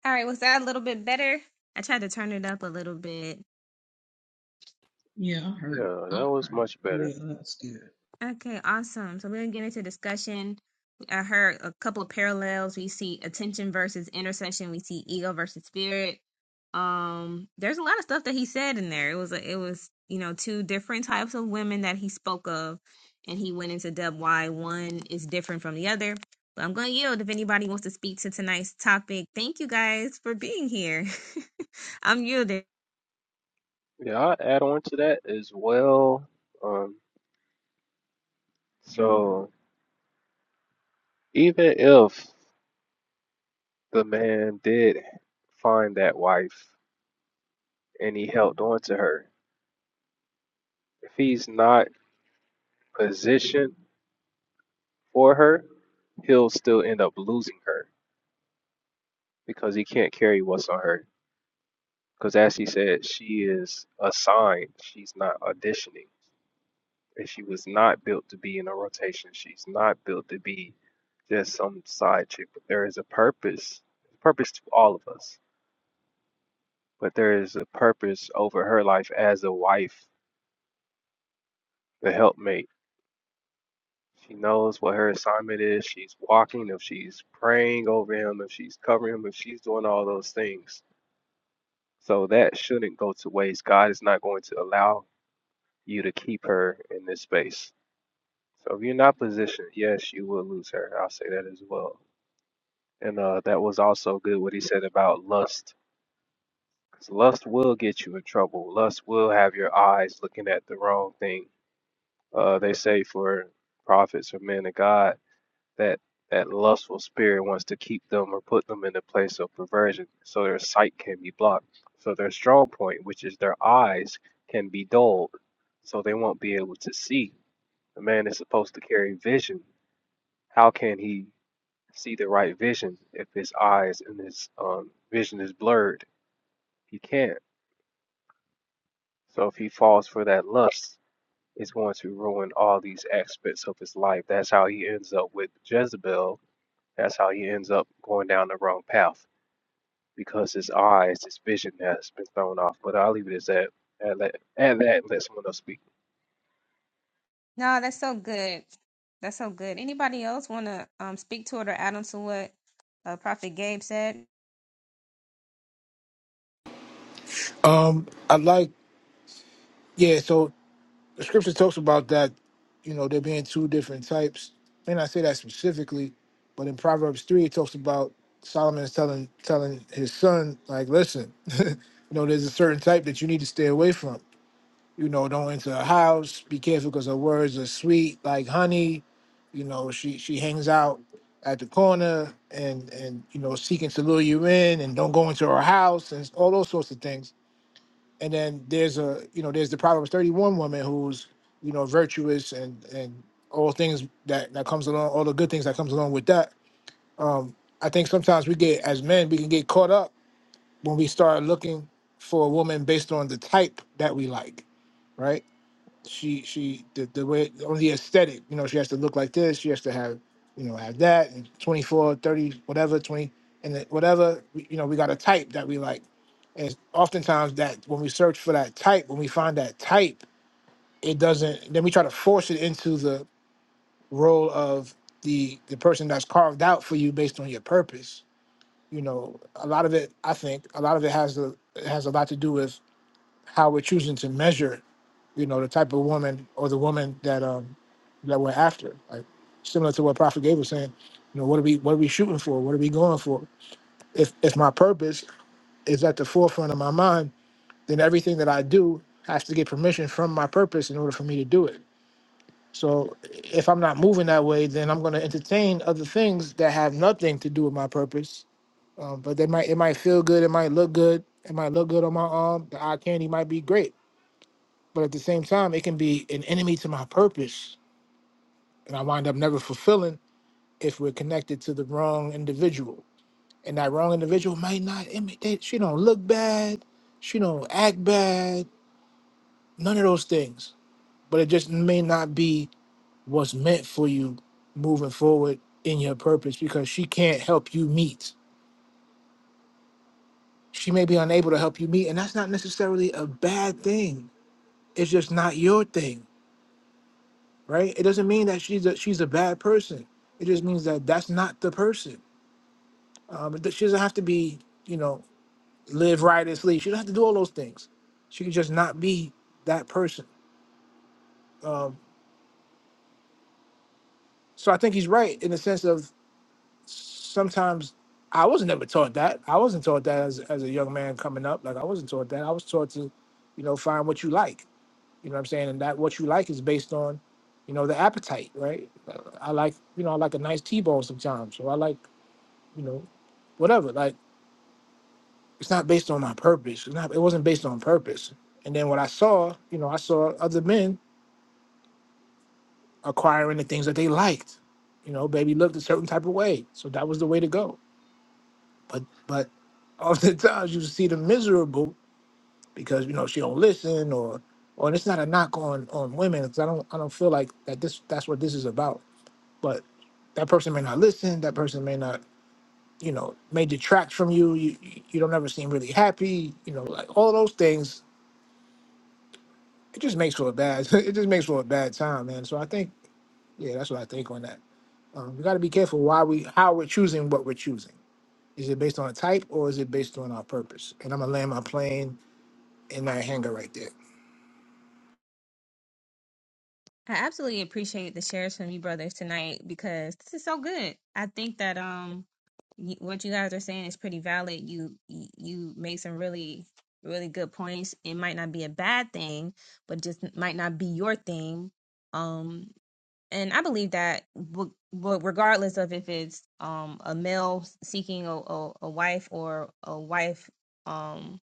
All right, was that a little bit better? I tried to turn it up a little bit. Yeah, that was much better. Okay, awesome. So we're gonna get into discussion. I heard a couple of parallels. We see attention versus intercession. We see ego versus spirit. Um, there's a lot of stuff that he said in there. It was a, it was you know two different types of women that he spoke of, and he went into depth why one is different from the other. But I'm gonna yield if anybody wants to speak to tonight's topic. Thank you guys for being here. <laughs> I'm yielding. Yeah, I'll add on to that as well. Um, so even if the man did find that wife and he held on to her, if he's not positioned for her, he'll still end up losing her because he can't carry what's on her Because as she said, she is assigned. She's not auditioning. And she was not built to be in a rotation. She's not built to be just some side chick. But there is a purpose, purpose to all of us. But there is a purpose over her life as a wife, the helpmate. She knows what her assignment is. She's walking, if she's praying over him, if she's covering him, if she's doing all those things. So that shouldn't go to waste. God is not going to allow you to keep her in this space So if you're not positioned, yes, you will lose her. I'll say that as well. And uh, that was also good what he said about lust, because lust will get you in trouble. Lust will have your eyes looking at the wrong thing. Uh, they say for prophets or men of God that that lustful spirit wants to keep them or put them in a place of perversion, so their sight can be blocked. So their strong point, which is their eyes, can be dulled, so they won't be able to see. A man is supposed to carry vision. How can he? see the right vision. If his eyes and his um, vision is blurred, he can't. So if he falls for that lust, it's going to ruin all these aspects of his life. That's how he ends up with Jezebel. That's how he ends up going down the wrong path because his eyes, his vision has been thrown off. But I'll leave it as that. At that, at that and let someone else speak. No, that's so good. That's so good. Anybody else want to um, speak to it or add on to what uh, Prophet Gabe said? Um, I like yeah, so the scripture talks about that, you know, there being two different types. May not say that specifically, but in Proverbs three it talks about Solomon is telling telling his son, like, listen, <laughs> you know, there's a certain type that you need to stay away from You know, don't enter her house. Be careful because her words are sweet like honey. You know, she she hangs out at the corner and and you know seeking to lure you in, and don't go into her house and all those sorts of things. And then there's a you know there's the Proverbs 31 woman who's you know virtuous and and all things that that comes along, all the good things that comes along with that. Um, I think sometimes we get as men we can get caught up when we start looking for a woman based on the type that we like, right? she she the, the way on the aesthetic you know she has to look like this she has to have you know have that and 24 30 whatever 20 and then whatever we- you know we got a type that we like and oftentimes that when we search for that type when we find that type it doesn't then we try to force it into the role of the the person that's carved out for you based on your purpose you know a lot of it i think a lot of it has a has a lot to do with how we're choosing to measure, you know, the type of woman or the woman that um that we're after. Like similar to what Prophet Gabe was saying, you know, what are we what are we shooting for? What are we going for? If if my purpose is at the forefront of my mind, then everything that I do has to get permission from my purpose in order for me to do it. So if I'm not moving that way, then I'm going to entertain other things that have nothing to do with my purpose. Um, but they might it might feel good, it might look good, it might look good on my arm. The eye candy might be great but at the same time, it can be an enemy to my purpose. And I wind up never fulfilling if we're connected to the wrong individual. And that wrong individual might not imitate. She don't look bad. She don't act bad. None of those things. But it just may not be what's meant for you moving forward in your purpose because she can't help you meet. She may be unable to help you meet. And that's not necessarily a bad thing. It's just not your thing right? It doesn't mean that she's a she's a bad person. It just means that that's not the person. Um, it- she doesn't have to be, you know, live riotously. She doesn't have to do all those things. She can just not be that person. Um, so I think he's right in the sense of sometimes I was never taught that. I wasn't taught that as as a young man coming up. Like I wasn't taught that. I was taught to, you know, find what you like. You know what I'm saying? And that what you like is based on, you know, the appetite, right? Uh, I like, you know, I like a nice T-bone sometimes. So I like you know whatever. Like it's not based on my purpose. It's not. It wasn't based on purpose. And then what I saw, you know, I saw other men acquiring the things that they liked. You know, baby looked a certain type of way, so that was the way to go. But but <laughs> oftentimes you see them miserable because you know she don't listen or or and it's not a knock on on women because I don't I don't feel like that this that's what this is about. But that person may not listen. That person may not you know may detract from you. You you you don't ever seem really happy. You know, like all those things it just makes for a bad <laughs> it just makes for a bad time, man. So I think yeah, that's what I think on that. Um, we got to be careful why we how we're choosing what we're choosing. Is it based on a type or is it based on our purpose? And I'm gonna land my plane in that hangar right there. I absolutely appreciate the shares from you brothers tonight because this is so good. I think that um y- what you guys are saying is pretty valid. You you you made some really really good points. It might not be a bad thing, but just might not be your thing. Um and I believe that, w- w- regardless of if it's um, a male seeking a, a, a wife or a wife um,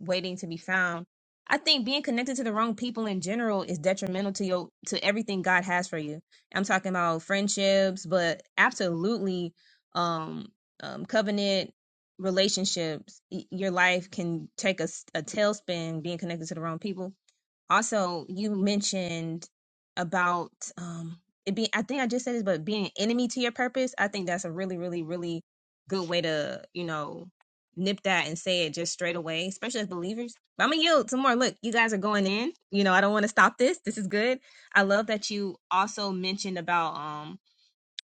waiting to be found, I think being connected to the wrong people in general is detrimental to your to everything God has for you. I'm talking about friendships, but absolutely um, um, covenant relationships. Y- Your life can take a, s- a tailspin being connected to the wrong people also you mentioned about um it being i think i just said this but being an enemy to your purpose i think that's a really really really good way to you know nip that and say it just straight away especially as believers but i'm gonna yield some more look you guys are going in you know i don't want to stop this this is good i love that you also mentioned about um,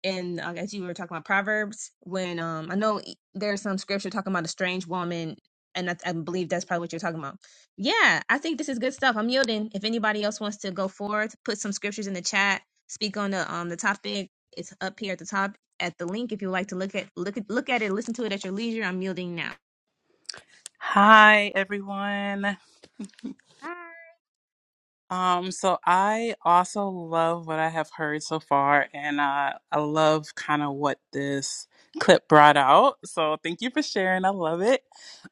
and I guess you were talking about Proverbs when um I know e- there's some scripture talking about a strange woman, and I, I believe that's probably what you're talking about. Yeah, I think this is good stuff. I'm yielding. If anybody else wants to go forth, put some scriptures in the chat, speak on the um the topic. It's up here at the top at the link if you would like to look at look at look at it, listen to it at your leisure. I'm yielding now. Hi, everyone. Hi. Um, so I also love what I have heard so far, and uh, I love kind of what this clip brought out. So thank you for sharing. I love it.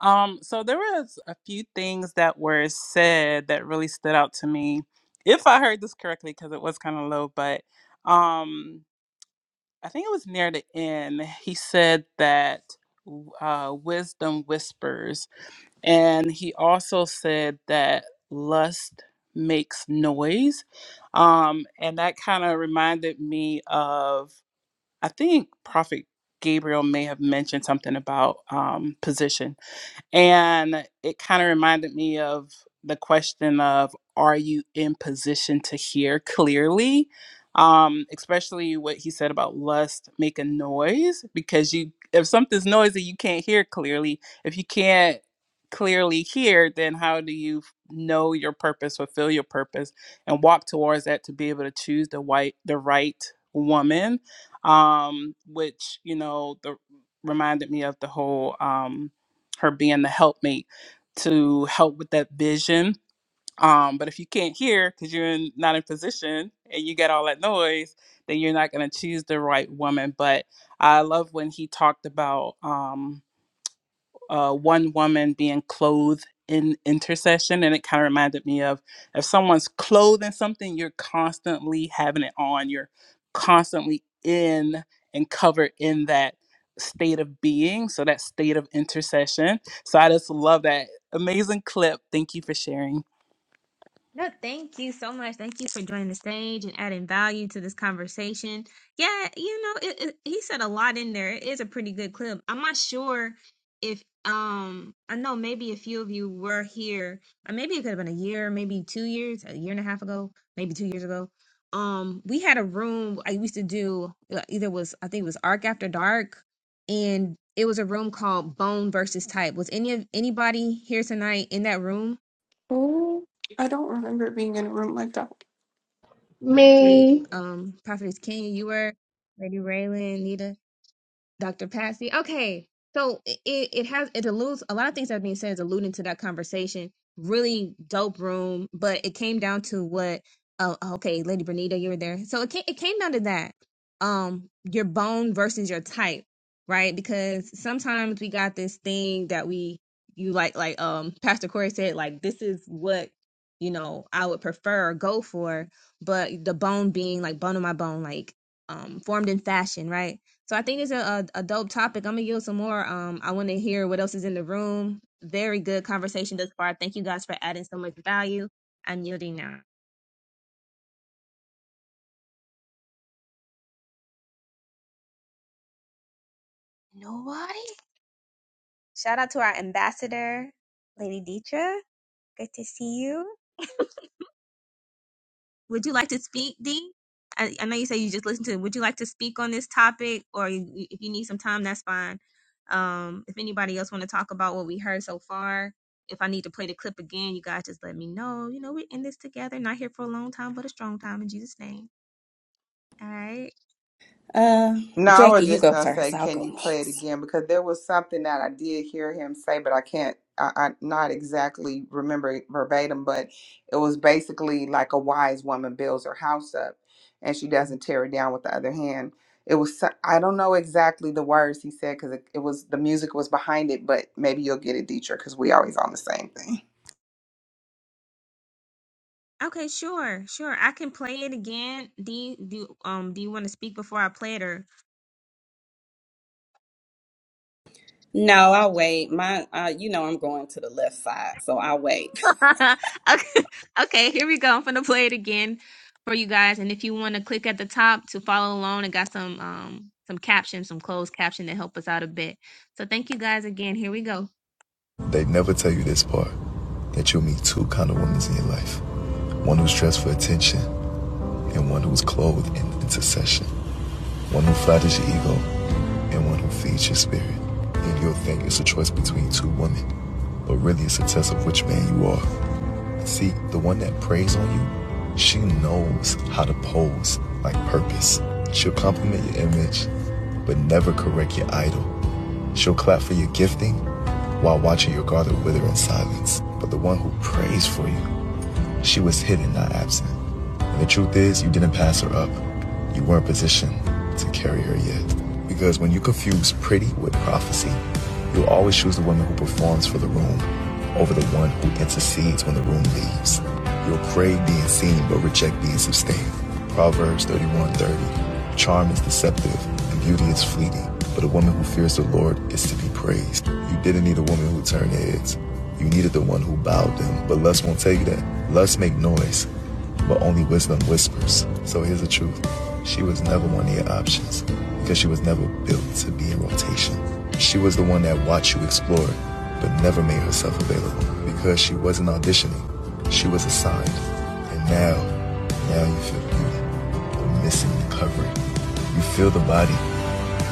Um, so there was a few things that were said that really stood out to me, if I heard this correctly, because it was kind of low. But um, I think it was near the end. He said that w- uh, wisdom whispers And he also said that lust makes noise. Um, and that kind of reminded me of, I think Prophet Gabriel may have mentioned something about um, position and it kind of reminded me of the question of are you in position to hear clearly? Um, especially what he said about lust making noise, because you if something's noisy, you can't hear clearly. If you can't clearly hear, then how do you f- know your purpose, fulfill your purpose, and walk towards that to be able to choose the white the right woman? Um, which, you know, the reminded me of the whole um her being the helpmate to help with that vision. Um, but if you can't hear because you're in, not in position and you get all that noise, then you're not going to choose the right woman. But I love when he talked about. Um, uh, one woman being clothed in intercession, and it kind of reminded me of if someone's clothed in something, you're constantly having it on, you're constantly in and covered in that state of being, so that state of intercession. So I just love that amazing clip. Thank you for sharing. No, thank you so much. Thank you for joining the stage and adding value to this conversation. Yeah, you know, it, it, he said a lot in there. It is a pretty good clip. I'm not sure if um I know maybe a few of you were here. Or maybe it could have been a year, maybe 2 years, a year and a half ago, maybe 2 years ago. Um we had a room I used to do uh, either was I think it was Arc After Dark and it was a room called Bone versus Type. Was any of anybody here tonight in that room? Mm, I don't remember it being in a room like that. Okay, Me. um, Prophetess King, you were Lady Raylan, Nita. Dr. Patsy. Okay. So it, it has it alludes a lot of things that are being said is alluding to that conversation. Really dope room, but it came down to what oh okay, Lady Bernita, you were there. So it came it came down to that. Um, your bone versus your type, right? Because sometimes we got this thing that we you like like um Pastor Corey said, like this is what you know I would prefer or go for, but the bone being like bone of my bone, like um formed in fashion, right? So I think it's a, a, a dope topic. I'm gonna yield some more. Um, I want to hear what else is in the room. Very good conversation thus far. Thank you guys for adding so much value. I'm yielding now. Nobody. Shout out to our ambassador, Lady Dietra. Good to see you. Would you like to speak, Dee? I, I know you say you just listened to it. Would you like to speak on this topic, or you, you- if you need some time, that's fine. Um, if anybody else want to talk about what we heard so far, if I need to play the clip again, you guys just let me know. You know, we're in this together. Not here for a long time, but a strong time in Jesus' name. All right. Uh, No, I Jackie, was you just go gonna say, first. I'll can go you play it next. again? Because there was something that I did hear him say, but I can't, I, I not exactly remember it verbatim, but it was basically like a wise woman builds her house up and she doesn't tear it down with the other hand. It was, so- I don't know exactly the words he said because it, it was the music was behind it, but maybe you'll get it, Dietrich, because we always on the same thing. Okay, sure, sure. I can play it again. Dee, do um, do you want to speak before I play it, or No, I'll wait. My, uh, you know, I'm going to the left side, so I'll wait. <laughs> okay, okay, here we go. I'm gonna play it again for you guys, and if you want to click at the top to follow along, I got some um some captions, some closed caption to help us out a bit. So thank you guys again. Here we go. They'd never tell you this part that you'll meet two kind of women in your life. one who's dressed for attention, and one who's clothed in intercession, one who flatters your ego, and one who feeds your spirit. And you'll think it's a choice between two women, but really it's a test of which man you are. See, the one that preys on you, she knows how to pose like purpose. She'll compliment your image, but never correct your idol. She'll clap for your gifting while watching your garden wither in silence. But the one who prays for you, she was hidden, not absent. And the truth is, you didn't pass her up. You weren't positioned to carry her yet. Because when you confuse pretty with prophecy, you'll always choose the woman who performs for the room over the one who intercedes when the room leaves. You'll crave being seen but reject being sustained. Proverbs 31:30. Charm is deceptive and beauty is fleeting, but a woman who fears the Lord is to be praised. You didn't need a woman who turned heads. You needed the one who bowed them, but lust won't tell you that. Lust make noise, but only wisdom whispers. So here's the truth she was never one of your options because she was never built to be in rotation. She was the one that watched you explore, but never made herself available because she wasn't auditioning. She was assigned. And now, now you feel beauty, but missing the covering. You feel the body,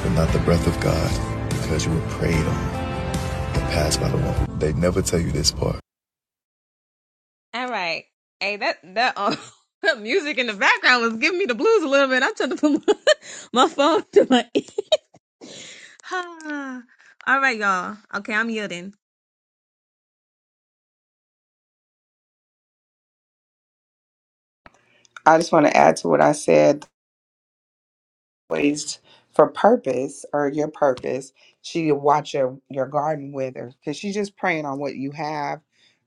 but not the breath of God because you were preyed on and passed by the woman. They never tell you this part. All right. Hey, that that uh, <laughs> that music in the background was giving me the blues a little bit. I'm trying to put my, <laughs> my phone to my <laughs> ear. <sighs> Ah. All right, y'all. Okay, I'm yielding. I just want to add to what I said. always for purpose or your purpose, she watch your, your garden wither because she's just praying on what you have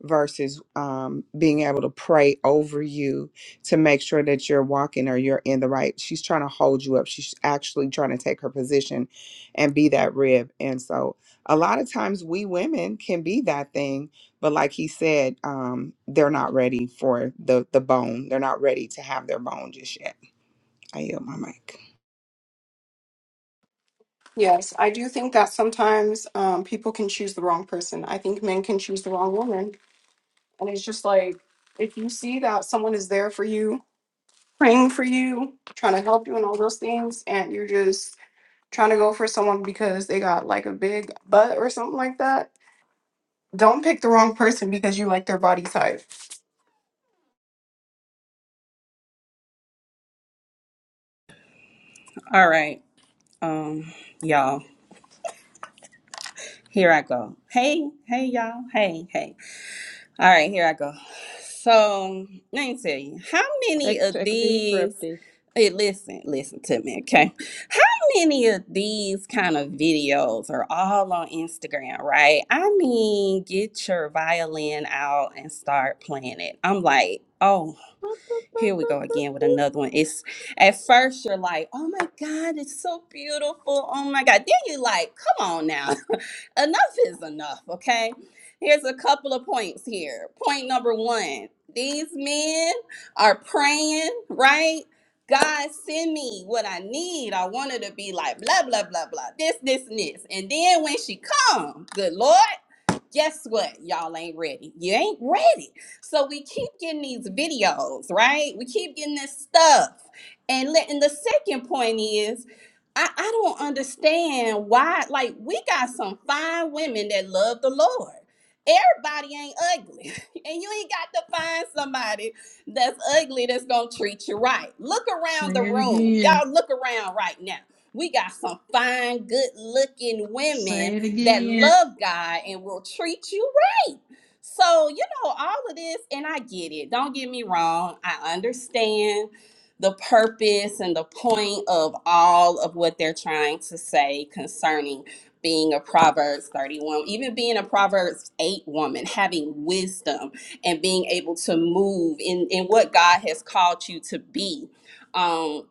versus um, being able to pray over you to make sure that you're walking or you're in the right. She's trying to hold you up. She's actually trying to take her position and be that rib. And so a lot of times we women can be that thing, but like he said, um, they're not ready for the, the bone. They're not ready to have their bone just yet. I yield my mic. Yes, I do think that sometimes um, people can choose the wrong person. I think men can choose the wrong woman. And it's just like, if you see that someone is there for you, praying for you, trying to help you, and all those things, and you're just trying to go for someone because they got like a big butt or something like that, don't pick the wrong person because you like their body type. <laughs> All right, um, y'all, here I go. Hey, hey, y'all. Hey, hey. All right, here I go. So let me tell you, how many Take of take a deep breath, these? D. Hey, listen, listen to me, okay? How many of these kind of videos are all on Instagram, right? I mean, get your violin out and start playing it. I'm like, oh, here we go again with another one. It's at first you're like, oh my God, it's so beautiful. Oh my God. Then you like, come on now enough is enough, okay? Here's a couple of points here. Point number one these men are praying, right? God send me what I need. I want her to be like blah blah blah blah this this and this. And then when she come, good Lord, guess what? Y'all ain't ready. You ain't ready. So we keep getting these videos, right? We keep getting this stuff. And let, and the second point is, I, I don't understand why, like, we got some fine women that love the Lord. Everybody ain't ugly. <laughs> And you ain't got to find somebody that's ugly that's gonna treat you right. Look around the room. Y'all look around right now. We got some fine, good looking women that love God and will treat you right. So, you know, all of this, and I get it. Don't get me wrong. I understand the purpose and the point of all of what they're trying to say concerning being a Proverbs 31, even being a Proverbs 8 woman, having wisdom and being able to move in, in what God has called you to be. Um,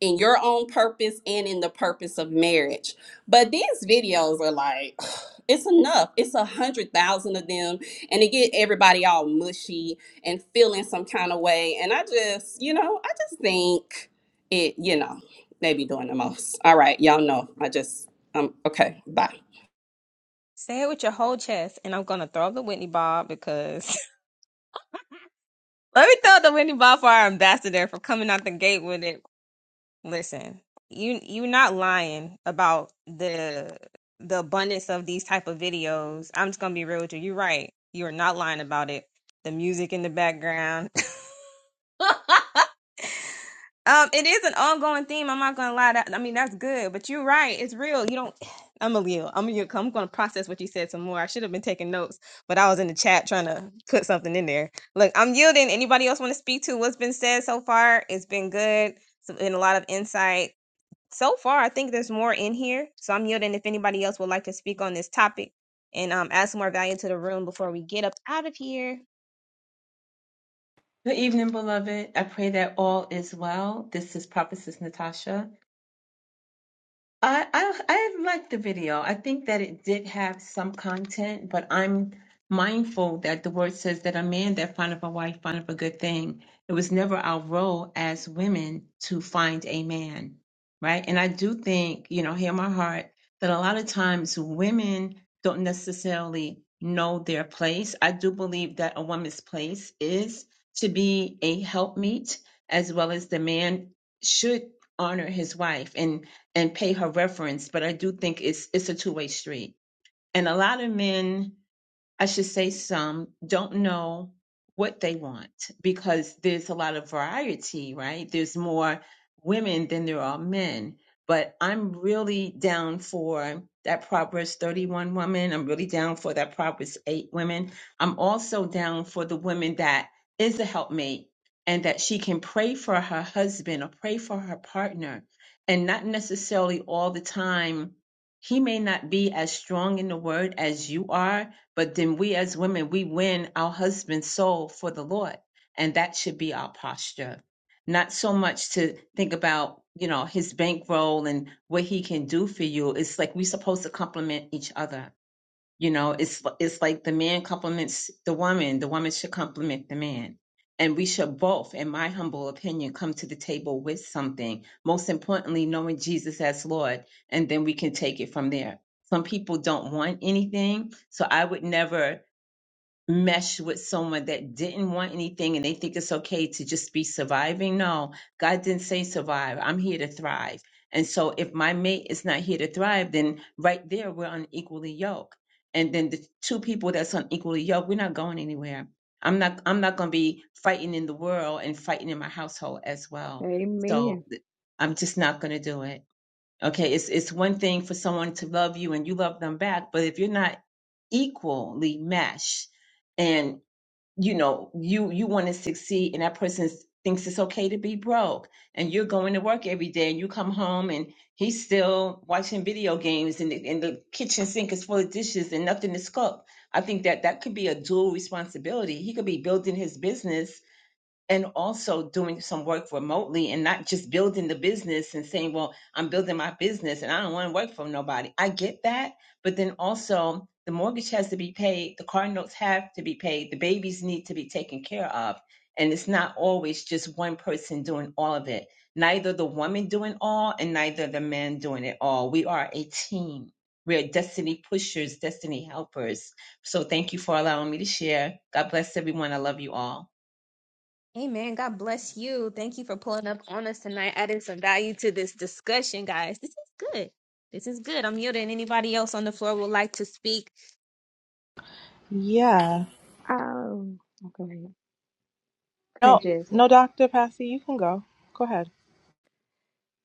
in your own purpose and in the purpose of marriage but these videos are like, <sighs> it's enough. It's a hundred thousand of them, and it get everybody all mushy and feeling some kind of way. And I just, you know, I just think it, you know, they be doing the most. All right, y'all know. I just, um, okay, bye. Say it with your whole chest, and I'm gonna throw up the Whitney Bob because <laughs> Let me tell the Wendy Balfour ambassador for coming out the gate with it. Listen, you you're not lying about the the abundance of these type of videos. I'm just gonna be real with you. You're right. You're not lying about it. The music in the background. <laughs> Um, it is an ongoing theme. I'm not gonna lie. That I mean, that's good, but you're right. It's real. You don't. <sighs> I'm a Leo. I'm a, I'm gonna process what you said some more. I should have been taking notes, but I was in the chat trying to put something in there. Look, I'm yielding. Anybody else want to speak to what's been said so far? It's been good. It's been a lot of insight so far. I think there's more in here, so I'm yielding. If anybody else would like to speak on this topic and um add some more value to the room before we get up out of here. Good evening, beloved. I pray that all is well. This is Prophetess Natasha. I, I I liked the video. I think that it did have some content, but I'm mindful that the word says that a man that findeth a wife findeth a good thing. It was never our role as women to find a man, right? And I do think, you know, hear my heart, that a lot of times women don't necessarily know their place. I do believe that a woman's place is to be a helpmeet, as well as the man should honor his wife. And and pay her reference, but I do think it's it's a two way street. And a lot of men I should say some don't know what they want because there's a lot of variety, right? There's more women than there are men. But I'm really down for that Proverbs 31 woman. I'm really down for that Proverbs 8 women. I'm also down for the woman that is a helpmate and that she can pray for her husband or pray for her partner. And not necessarily all the time, he may not be as strong in the word as you are but then we as women, we win our husband's soul for the Lord. And that should be our posture. Not so much to think about, you know, his bankroll and what he can do for you. It's like we're supposed to complement each other you know, it's it's like the man compliments the woman, the woman should compliment the man. And we should both, in my humble opinion, come to the table with something. Most importantly, knowing Jesus as Lord, and then we can take it from there. Some people don't want anything, so I would never mesh with someone that didn't want anything and they think it's okay to just be surviving. No, God didn't say survive. I'm here to thrive. And so if my mate is not here to thrive, then right there we're unequally yoked. And then the two people that's unequally yoked, we're not going anywhere. I'm not I'm not gonna be fighting in the world and fighting in my household as well. So Amen. th- I'm just not gonna do it. Okay, it's it's one thing for someone to love you and you love them back, but if you're not equally meshed and you know, you you want to succeed and that person thinks it's okay to be broke and you're going to work every day and you come home and he's still watching video games and the, and the kitchen sink is full of dishes and nothing is cooked. I think that that could be a dual responsibility. He could be building his business and also doing some work remotely and not just building the business and saying, well, I'm building my business and I don't want to work for nobody. I get that. But then also, the mortgage has to be paid, the car notes have to be paid, the babies need to be taken care of. And it's not always just one person doing all of it, neither the woman doing all and neither the man doing it all. We are a team. We are destiny pushers, destiny helpers so thank you for allowing me to share. God bless everyone. I love you all. Amen. God bless you. Thank you for pulling up on us tonight, adding some value to this discussion, guys. This is good. This is good. I'm yielding. Anybody else on the floor would like to speak? Yeah. Oh, okay. No, Quit just no, Dr. Passy, you can go. Go ahead.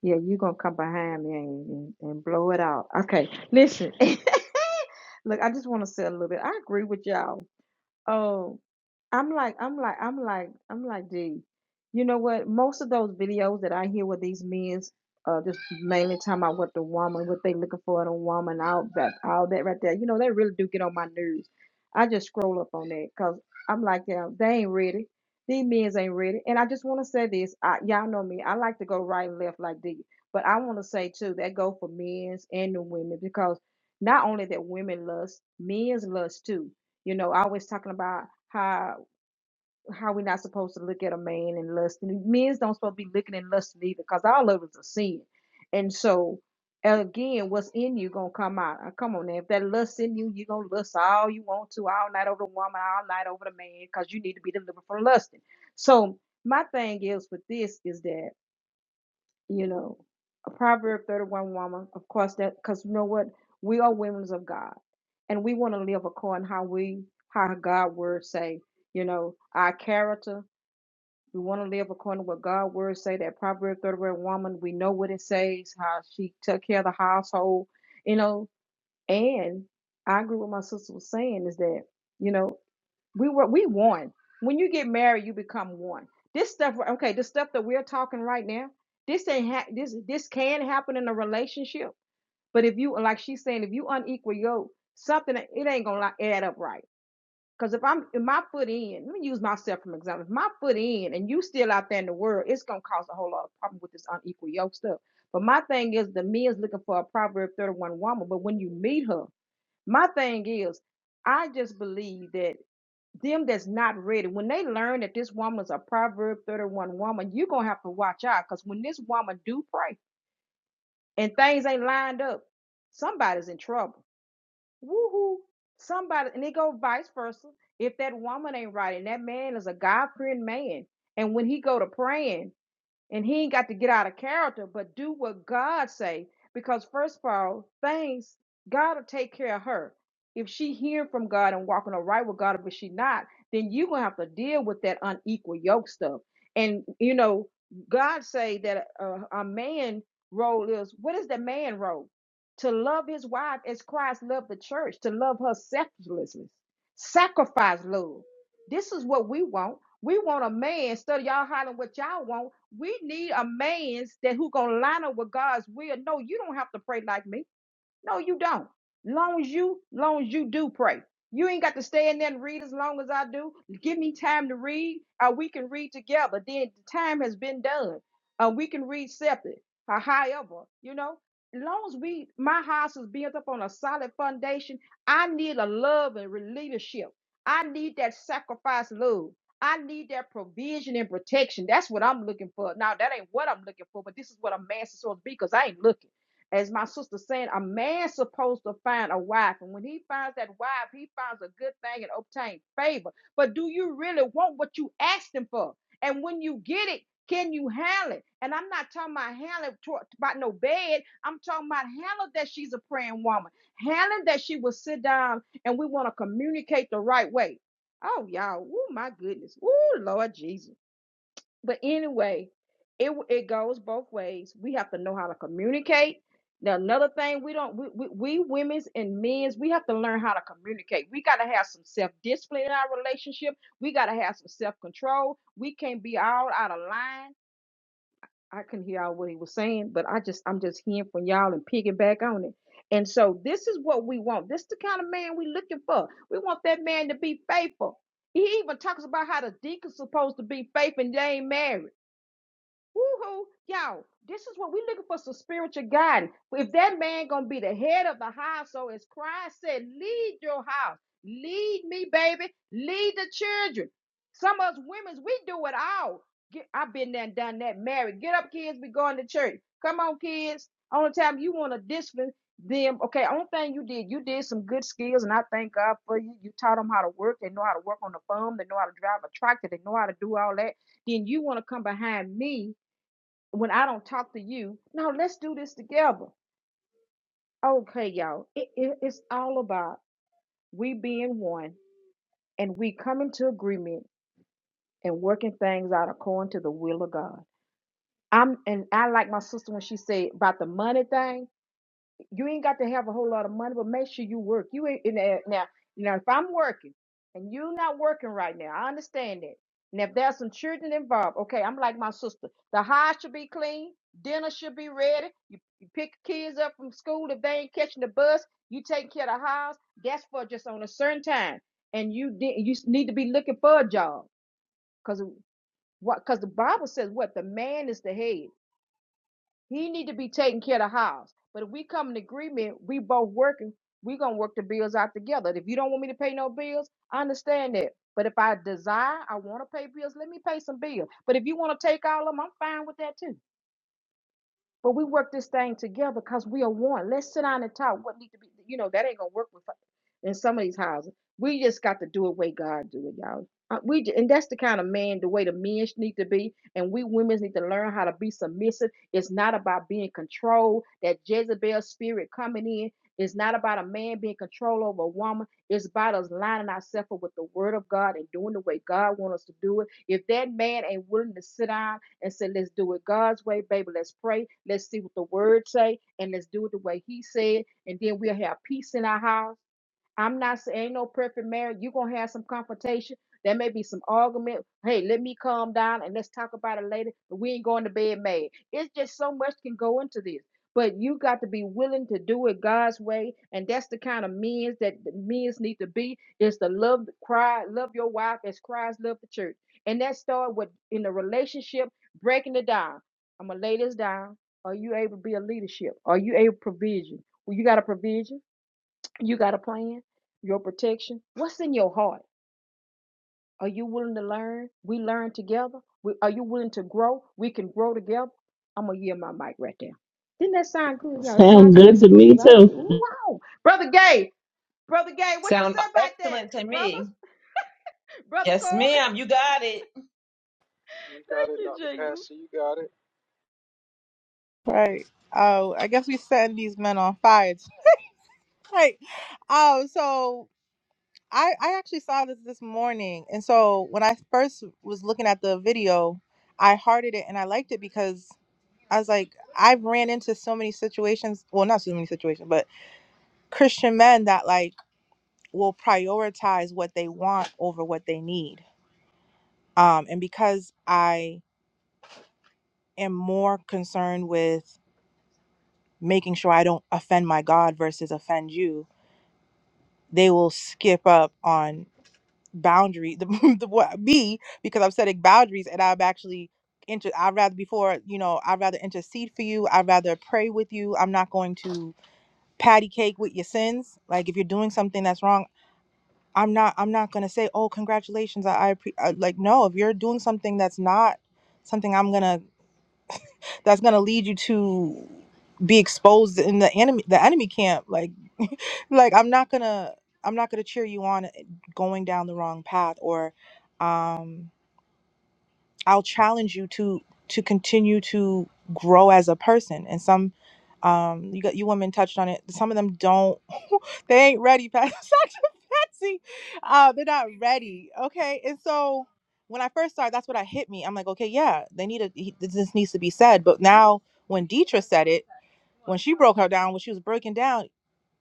yeah, you gonna come behind me and, and, and blow it out. Okay, listen. <laughs> Look, I just want to say a little bit. I agree with y'all. Oh, I'm like, I'm like, I'm like, I'm like, dude, you know what? Most of those videos that I hear with these men's, uh, just mainly talking about what the woman, what they looking for in a woman, all that, all that right there. You know, they really do get on my nerves. I just scroll up on that because I'm like, yeah, they ain't ready. These men's ain't ready. And I just want to say this, I, y'all know me. I like to go right and left like this, but I want to say too that go for men's and the women because not only that women lust, men's lust too you know, always talking about how how we're not supposed to look at a man and lust. And men's don't supposed to be looking and lusting either, because all of us are sin. And so again, what's in you gonna come out. Uh, Come on now. If that lust in you, you gonna lust all you want to, all night over the woman, all night over the man, because you need to be delivered from lusting. So my thing is with this is that you know, a Proverb 31 woman, of course, that because you know what? We are women of God and we want to live according how we, how God word say, you know, our character. We want to live according to what God word say, that Proverb 31 woman, we know what it says, how she took care of the household, you know, and I agree with my sister was saying is that, you know. We were we one. When you get married, you become one. This stuff, okay, the stuff that we're talking right now, this ain't ha- this this can happen in a relationship. But if you like she's saying, if you unequal yoke, something it ain't gonna like add up right. Because if I'm if my foot in, let me use myself from example. If my foot in and you still out there in the world, it's gonna cause a whole lot of problem with this unequal yoke stuff. But my thing is the men's looking for a Proverbs 31 woman, but when you meet her, my thing is I just believe that them that's not ready, when they learn that this woman is a Proverb 31 woman, you're gonna have to watch out because when this woman do pray and things ain't lined up, somebody's in trouble. Woohoo! Somebody and they go vice versa. If that woman ain't right and that man is a God fearing man, and when he go to praying and he ain't got to get out of character but do what god say because first of all things god will take care of her if she hearing from god and walking all right with god but she not then you gonna have to deal with that unequal yoke stuff and you know god say that a, a man role is what is the man role to love his wife as christ loved the church to love her selflessly sacrifice love this is what we want we want a man. Instead of y'all hollering what y'all want, we need a man that who gonna line up with God's will. No, you don't have to pray like me. No, you don't. Long as you, long as you do pray. You ain't got to stay in there and read as long as I do. Give me time to read. Uh, we can read together. Then the time has been done. Uh, we can read separate. Uh, however, you know, long as we, my house is built up on a solid foundation, I need a love and re- leadership. I need that sacrifice love. I need that provision and protection. That's what I'm looking for. Now, that ain't what I'm looking for, but this is what I'm asking so to be because I ain't looking. As my sister said, a man's supposed to find a wife. And when he finds that wife, he finds a good thing and obtain favor. But do you really want what you asked him for? And when you get it, can you handle it? And I'm not talking about handling about no bed. I'm talking about handling that she's a praying woman. Handling that she will sit down and we want to communicate the right way. Oh, y'all. Oh, my goodness. Oh, Lord Jesus. But anyway, it it goes both ways. We have to know how to communicate. Now, another thing we don't we, we, we women's and men's we have to learn how to communicate. We got to have some self discipline in our relationship. We got to have some self control. We can't be all out of line. I couldn't hear all what he was saying, but I just I'm just hearing from y'all and piggyback on it. And so this is what we want. This is the kind of man we are looking for. We want that man to be faithful. He even talks about how the deacon's supposed to be faithful and they ain't married. Woohoo, y'all! This is what we looking for some spiritual guidance. If that man gonna be the head of the house, so as Christ said, lead your house, lead me, baby, lead the children. Some of us women, we do it all. Get, I've been there and done that. Married, get up, kids. We going to church. Come on, kids. Only time you want to discipline them. Okay, only thing you did, you did some good skills, and I thank God for you. You taught them how to work. They know how to work on the farm. They know how to drive a tractor. They know how to do all that then you want to come behind me when I don't talk to you, no, let's do this together. Okay, y'all. It, it, it's all about we being one and we coming to agreement and working things out according to the will of God. I'm and I like my sister when she said about the money thing. You ain't got to have a whole lot of money, but make sure you work. You ain't in there now. Now, if I'm working and you're not working right now, I understand that. And if there's some children involved, okay, I'm like my sister. The house should be clean. Dinner should be ready. You, you pick kids up from school if they ain't catching the bus. You take care of the house. That's for just on a certain time. And you did, you need to be looking for a job because what? Because the Bible says what the man is the head. He need to be taking care of the house. But if we come in agreement, we both working, we gonna work the bills out together. If you don't want me to pay no bills, I understand that. But if I desire, I want to pay bills, let me pay some bills. But if you want to take all of them, I'm fine with that too. But we work this thing together because we are one. Let's sit down and talk. What need to be, you know, that ain't gonna work with in some of these houses. We just got to do it way God do it, y'all. Uh, we ju- and that's the kind of man, the way the men sh- need to be, and we women need to learn how to be submissive. It's not about being controlled. That Jezebel spirit coming in. It's not about a man being controlled over a woman. It's about us lining ourselves up with the word of God and doing the way God wants us to do it. If that man ain't willing to sit down and said, let's do it God's way, baby. Let's pray. Let's see what the word say, and let's do it the way He said. And then we'll have peace in our house I'm not saying ain't no perfect marriage. You're gonna have some confrontation. There may be some argument. Hey, let me calm down and let's talk about it later. But we ain't going to bed mad. It's just so much can go into this. But you got to be willing to do it God's way. And that's the kind of means that the means need to be is to love cry, love your wife as Christ loved the church. And that started with in the relationship, breaking it down. I'm gonna lay this down. Are you able to be a leadership? Are you able to provision? Well, you got a provision. You got a plan? Your protection? What's in your heart? Are you willing to learn? We learn together. We, are you willing to grow? We can grow together. I'm gonna yield my mic right there. Didn't that sound good? y'all? it Sound sound good good to to me me because I would too. get wow, brother Gay, brother Gay. What you Sound said about that, excellent to brothers, me. <laughs> brother Yes, Corey? ma'am. You got it. You <laughs> got Thank it, you, Doc. Jesus. Right. Oh, I guess we setting these men on fire. <laughs> Right. Oh, so I I actually saw this this morning, and so when I first was looking at the video, I hearted it and I liked it because I was like, I've ran into so many situations. Well, not so many situations, but Christian men that like will prioritize what they want over what they need. Um, and because I am more concerned with making sure I don't offend my God versus offend you, they will skip up on boundary <laughs> the, the what me because I'm setting boundaries and I'm actually inter I'd rather before you know I'd rather intercede for you I'd rather pray with you I'm not going to patty cake with your sins like if you're doing something that's wrong I'm not I'm not gonna say oh congratulations I, I appre-" uh, like no if you're doing something that's not something I'm gonna that's going to lead you to be exposed in the enemy the enemy camp like <laughs> like i'm not going to i'm not going to cheer you on eh, going down the wrong path or um i'll challenge you to to continue to grow as a person and some um you got you women touched on it some of them don't <laughs> they ain't ready Pat- <laughs> Patsy. uh they're not ready okay and so when i first started that's what i hit me i'm like okay yeah they need to he- this needs to be said but now when Deidre said it when she broke her down, when she was breaking down,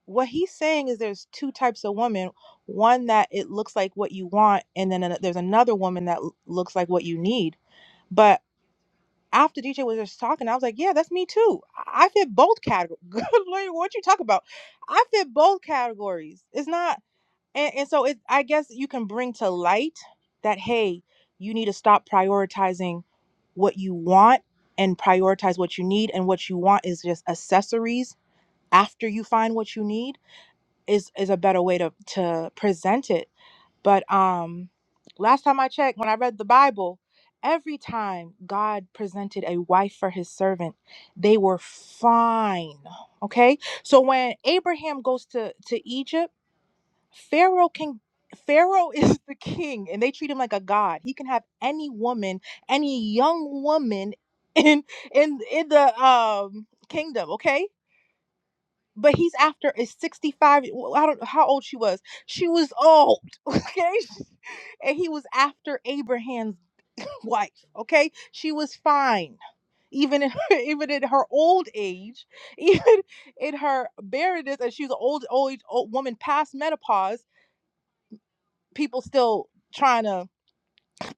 what he's saying is there's two types of women. One that it looks like what you want, and then ano- there's another woman that l- looks like what you need. But after DJ was just talking, I was like, yeah, that's me too. I I fit both categories. <laughs> Good lord, what you talk about? I fit both categories. It's not, and, and so it. I guess you can bring to light that hey, you need to stop prioritizing what you want and prioritize what you need, and what you want is just accessories after you find what you need is is a better way to to present it but um last time i checked when i read the bible every time god presented a wife for his servant they were fine okay so when abraham goes to to egypt pharaoh can pharaoh <laughs> is the king and they treat him like a god he can have any woman any young woman in in in the um kingdom okay but he's after a 65 well, i don't know how old she was she was old <laughs> okay and he was after abraham's wife okay she was fine even in <laughs> even in her old age <laughs> even in her barrenness and she was an old old, old woman past menopause people still trying to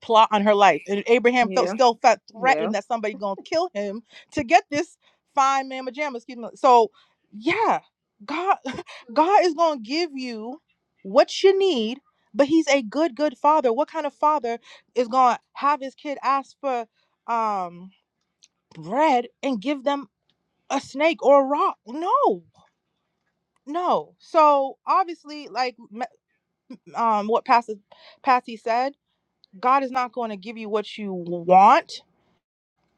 plot on her life. And Abraham felt Yeah, still felt threatened yeah. that somebody gonna kill him to get this fine man pajamas. Excuse me. So yeah, God <laughs> God is gonna give you what you need, but he's a good, good father. What kind of father is gonna have his kid ask for um bread and give them a snake or a rock? No. No. So obviously, like m- um, what Pastor Patsy said, God is not going to give you what you want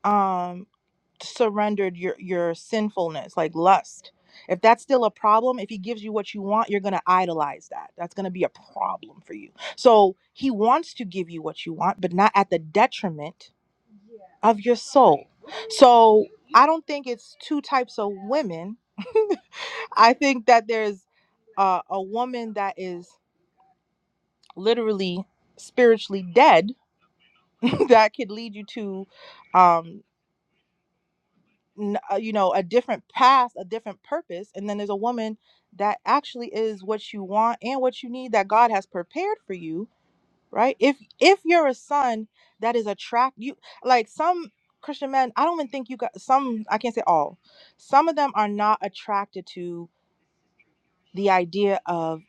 um surrendered your your sinfulness like lust if that's still a problem if he gives you what you want you're going to idolize that that's going to be a problem for you so he wants to give you what you want but not at the detriment of your soul so i don't think it's two types of women <laughs> i think that there's uh, a woman that is literally spiritually dead <laughs> that could lead you to um n- uh, you know a different path a different purpose and then there's a woman that actually is what you want and what you need that god has prepared for you right if if you're a son that is attract you like some christian men i don't even think you got some i can't say all some of them are not attracted to the idea of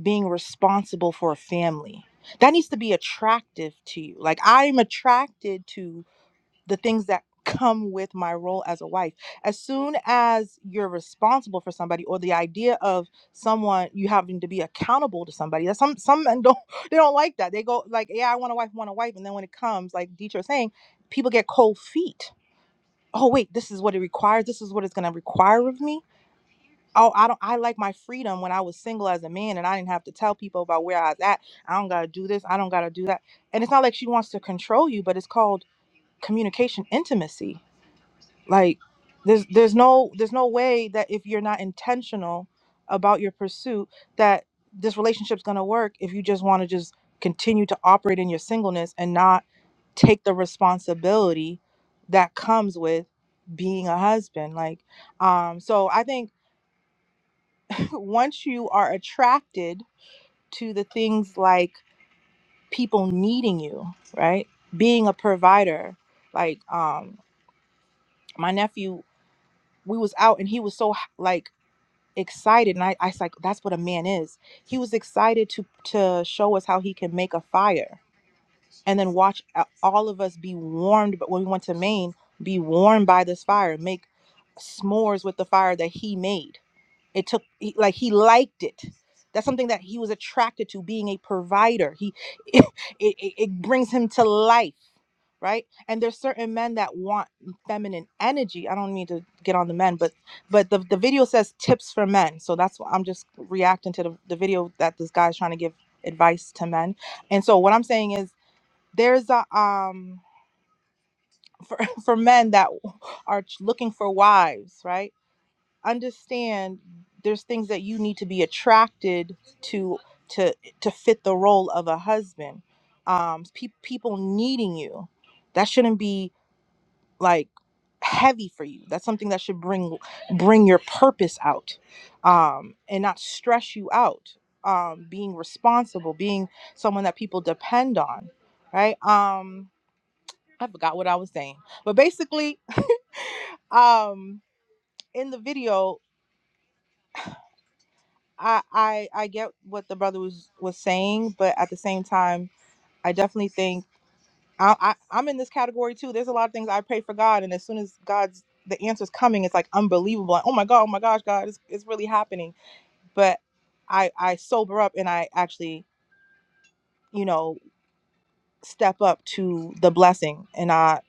being responsible for a family that needs to be attractive to you like i'm attracted to the things that come with my role as a wife. As soon as you're responsible for somebody or the idea of someone you having to be accountable to somebody, that some some men <laughs> don't they don't like that. They go like, yeah, I want a wife, I want a wife. And then when it comes, like Dietrich was saying, people get cold feet. Oh wait, this is what it requires. This is what it's gonna require of me. Oh, I don't I like my freedom when I was single as a man and I didn't have to tell people about where I was at. I don't gotta do this, I don't gotta do that. And it's not like she wants to control you, but it's called communication intimacy like there's there's no there's no way that if you're not intentional about your pursuit that this relationship's going to work if you just want to just continue to operate in your singleness and not take the responsibility that comes with being a husband like um so i think <clears throat> once you are attracted to the things like people needing you right being a provider like um my nephew we was out and he was so like excited and I, I was like that's what a man is he was excited to to show us how he can make a fire and then watch a- all of us be warmed but when we went to maine be warmed by this fire make smores with the fire that he made it took he, like he liked it that's something that he was attracted to being a provider he <laughs> it, it, it brings him to life right and there's certain men that want feminine energy i don't mean to get on the men but but the, the video says tips for men so that's what i'm just reacting to the, the video that this guy's trying to give advice to men and so what i'm saying is there's a um for, <laughs> for men that are looking for wives right understand there's things that you need to be attracted to to to fit the role of a husband um pe- people needing you that shouldn't be like heavy for you that's something that should bring bring your purpose out um and not stress you out um being responsible being someone that people depend on right um i forgot what i was saying but basically <laughs> um in the video I, I i get what the brother was was saying but at the same time i definitely think I, I I'm in this category too. There's a lot of things I pray for God, and as soon as God's the answer's coming, it's like unbelievable. Like, oh my God, oh my gosh, God, it's it's really happening. But I I sober up and I actually you know step up to the blessing and not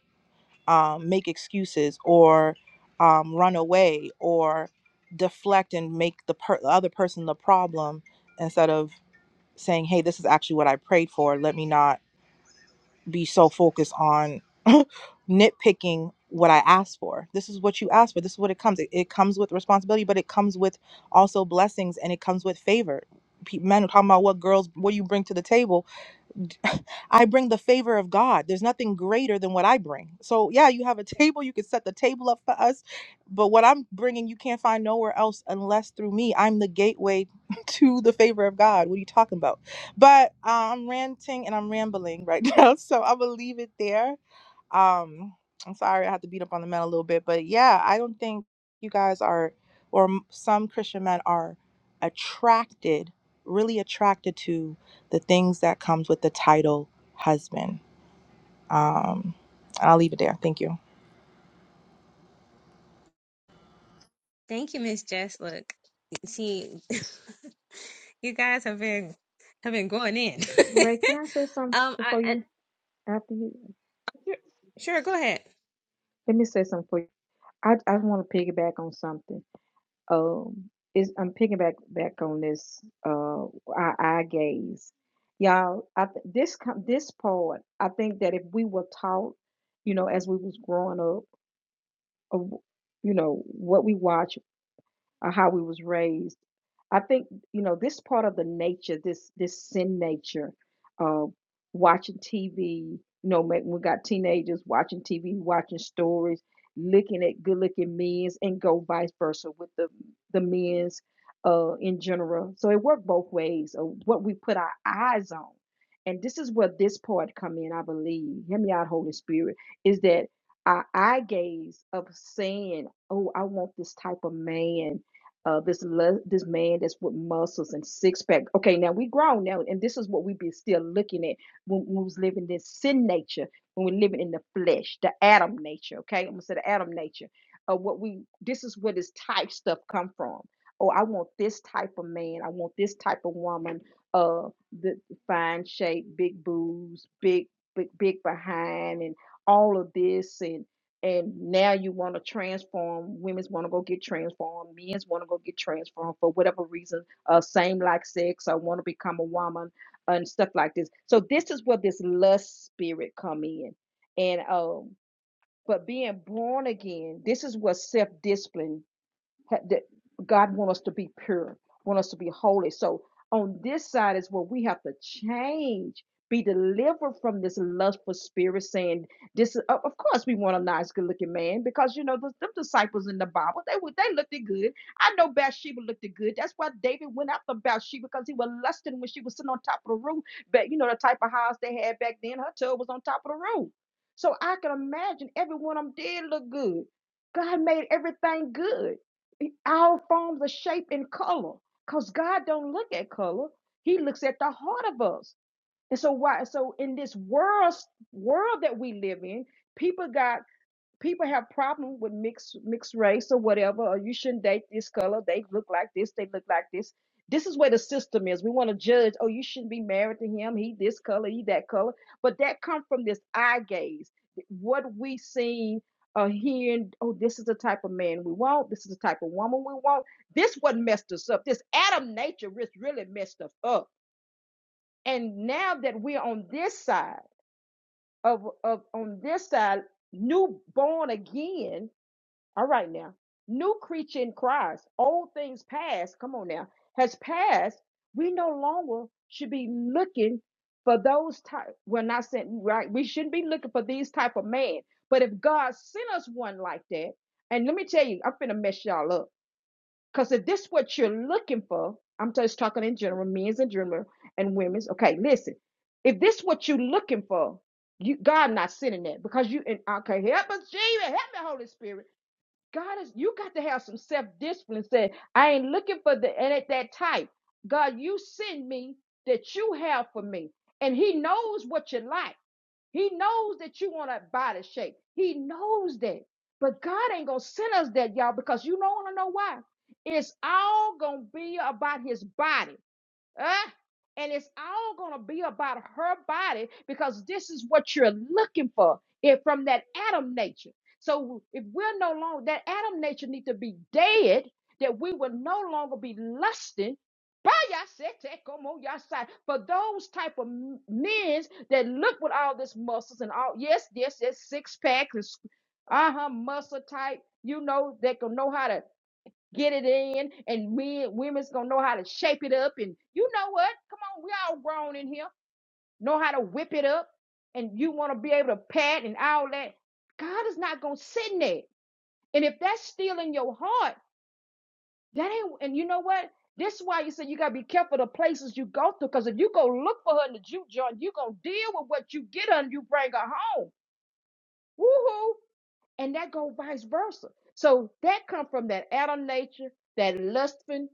um, make excuses or um, run away or deflect and make the, per- the other person the problem instead of saying, hey, this is actually what I prayed for. Let me not be so focused on <laughs> nitpicking what I asked for. This is what you asked for. This is what it comes. It, it comes with responsibility, but it comes with also blessings and it comes with favor. Pe- Men are talking about what girls, what you bring to the table <laughs> I bring the favor of God. There's nothing greater than what I bring. So, yeah, you have a <laughs> table. You can set the table up for us. But what I'm bringing, you can't find nowhere else unless through me. I'm the gateway <laughs> to the favor of God. What are you talking about? But uh, I'm ranting and I'm rambling right <laughs> now. So I'm going to leave it there um i'm sorry i have to beat up on the men a little bit but yeah i don't think you guys are or m- some christian men are attracted really attracted to the things that comes with the title husband um and i'll leave it there thank you Thank you, Miss Jess. Look, she, <laughs> you guys have been have been going in. <laughs> Ray, can I say something um, I, before I you? After you, sure go ahead. let me say something for you. I I want to piggyback on something. um is I'm picking back back on this uh our eye gaze. Y'all, I th- this com- this part, I think that if we were taught, you know, as we was growing up, of, you know, what we watch or how we was raised. I think you know this part of the nature, this this sin nature of watching TV. You know, ma- we got teenagers watching TV, watching stories, looking at good-looking men's, and go vice versa with the the men's uh, in general. So it worked both ways of what we put our eyes on, and this is where this part come in. I believe. Hear me out, Holy Spirit. Is that our eye gaze of saying, "Oh, I want this type of man." Uh, this le- this man that's with muscles and six pack. Okay, now we grown now, and this is what we be still looking at when we was living this sin nature, when we're living in the flesh, the Adam nature. Okay, I'm gonna say the Adam nature. Uh, what we this is where this type stuff come from. Oh, I want this type of man. I want this type of woman. Uh, the fine shape, big boobs, big big big behind, and all of this and and now you want to transform women's want to go get transformed men's want to go get transformed for whatever reason uh same like sex i want to become a woman and stuff like this so this is where this lust spirit come in and um but being born again this is what self-discipline ha- that God want us to be pure, want us to be holy. So on this side is where we have to change, be delivered from this lustful spirit, saying this. Is, of of course, we want a nice, good-looking man because you know the, them disciples in the Bible they were they looked it good. I know Bathsheba looked it good. That's why David went after Bathsheba because he was lusting when she was sitting on top of the roof. But you know the type of house they had back then, her tub was on top of the roof. So I can imagine every one of them did look good. God made everything good all forms are shape and color because God don't look at color. He looks at the heart of us. And so why so in this world world that we live in, people got people have problem with mixed mixed race or whatever or you shouldn't date this color they look like this they look like this this is where the system is we want to judge oh you shouldn't be married to him he this color he that color but that comes from this eye gaze what we see uh hearing oh this is the type of man we want this is the type of woman we want this what messed us up this adam nature ris- really messed us up and now that we're on this side of of on this side new born again all right now. New creature in Christ, old things past, come on now, has passed. We no longer should be looking for those type. We're not saying right. We shouldn't be looking for these type of man. But if God sent us one like that, and let me tell you, I'm finna mess y'all up. Cause if this what you're looking for, I'm just talking in general, men's in general and women's. Okay, listen. If this what you're looking for, you God not sending that because you and okay, help us, Jesus, help me, Holy Spirit God is you got to have some self-discipline. Say, I ain't looking for the and at that type. God, you send me that you have for me. And he knows what you like. He knows that you want a body shape. He knows that. But God ain't gonna send us that, y'all, because you don't wanna know why. It's all gonna be about his body. Uh, and it's all going to be about her body because this is what you're looking for it from that Adam nature. So if we're no longer that Adam nature need to be dead, that we will no longer be lusting. <laughs> By y'all said, take 'em on y'all side. For those type of m- men's that look with all this muscles and all, yes, yes, yes, six pack, uh huh, muscle type, you know, that can know how to get it in, and men, women's gonna know how to shape it up. And you know what? Come on, we all grown in here, know how to whip it up, and you want to be able to pat and all that. God is not gonna sit in that. And if that's still in your heart, that ain't. And you know what? This is why you say you gotta be careful the places you go to, because if you go look for her in the juke joint, you gonna deal with what you get her and you bring her home. Woohoo! And that go vice versa. So that come from that Adam nature, that lusting.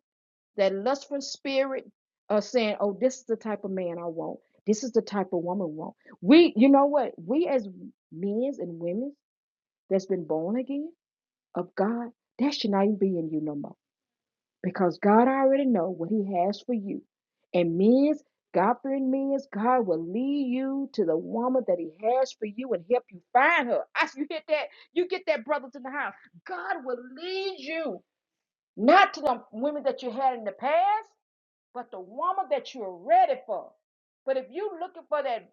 that lustful spirit of saying, oh, this is the type of man I want. This is the type of woman I want. We, you know what? We as men and women that's been born again of God, that should not even be in you no more. Because God already know what he has for you. And men's, God-fearing men's, God will lead you to the woman that he has for you and help you find her. <laughs> I, you hit that? You get that brother to the house. God will lead you, not to the women that you had in the past but the woman that you're ready for. But if you looking for that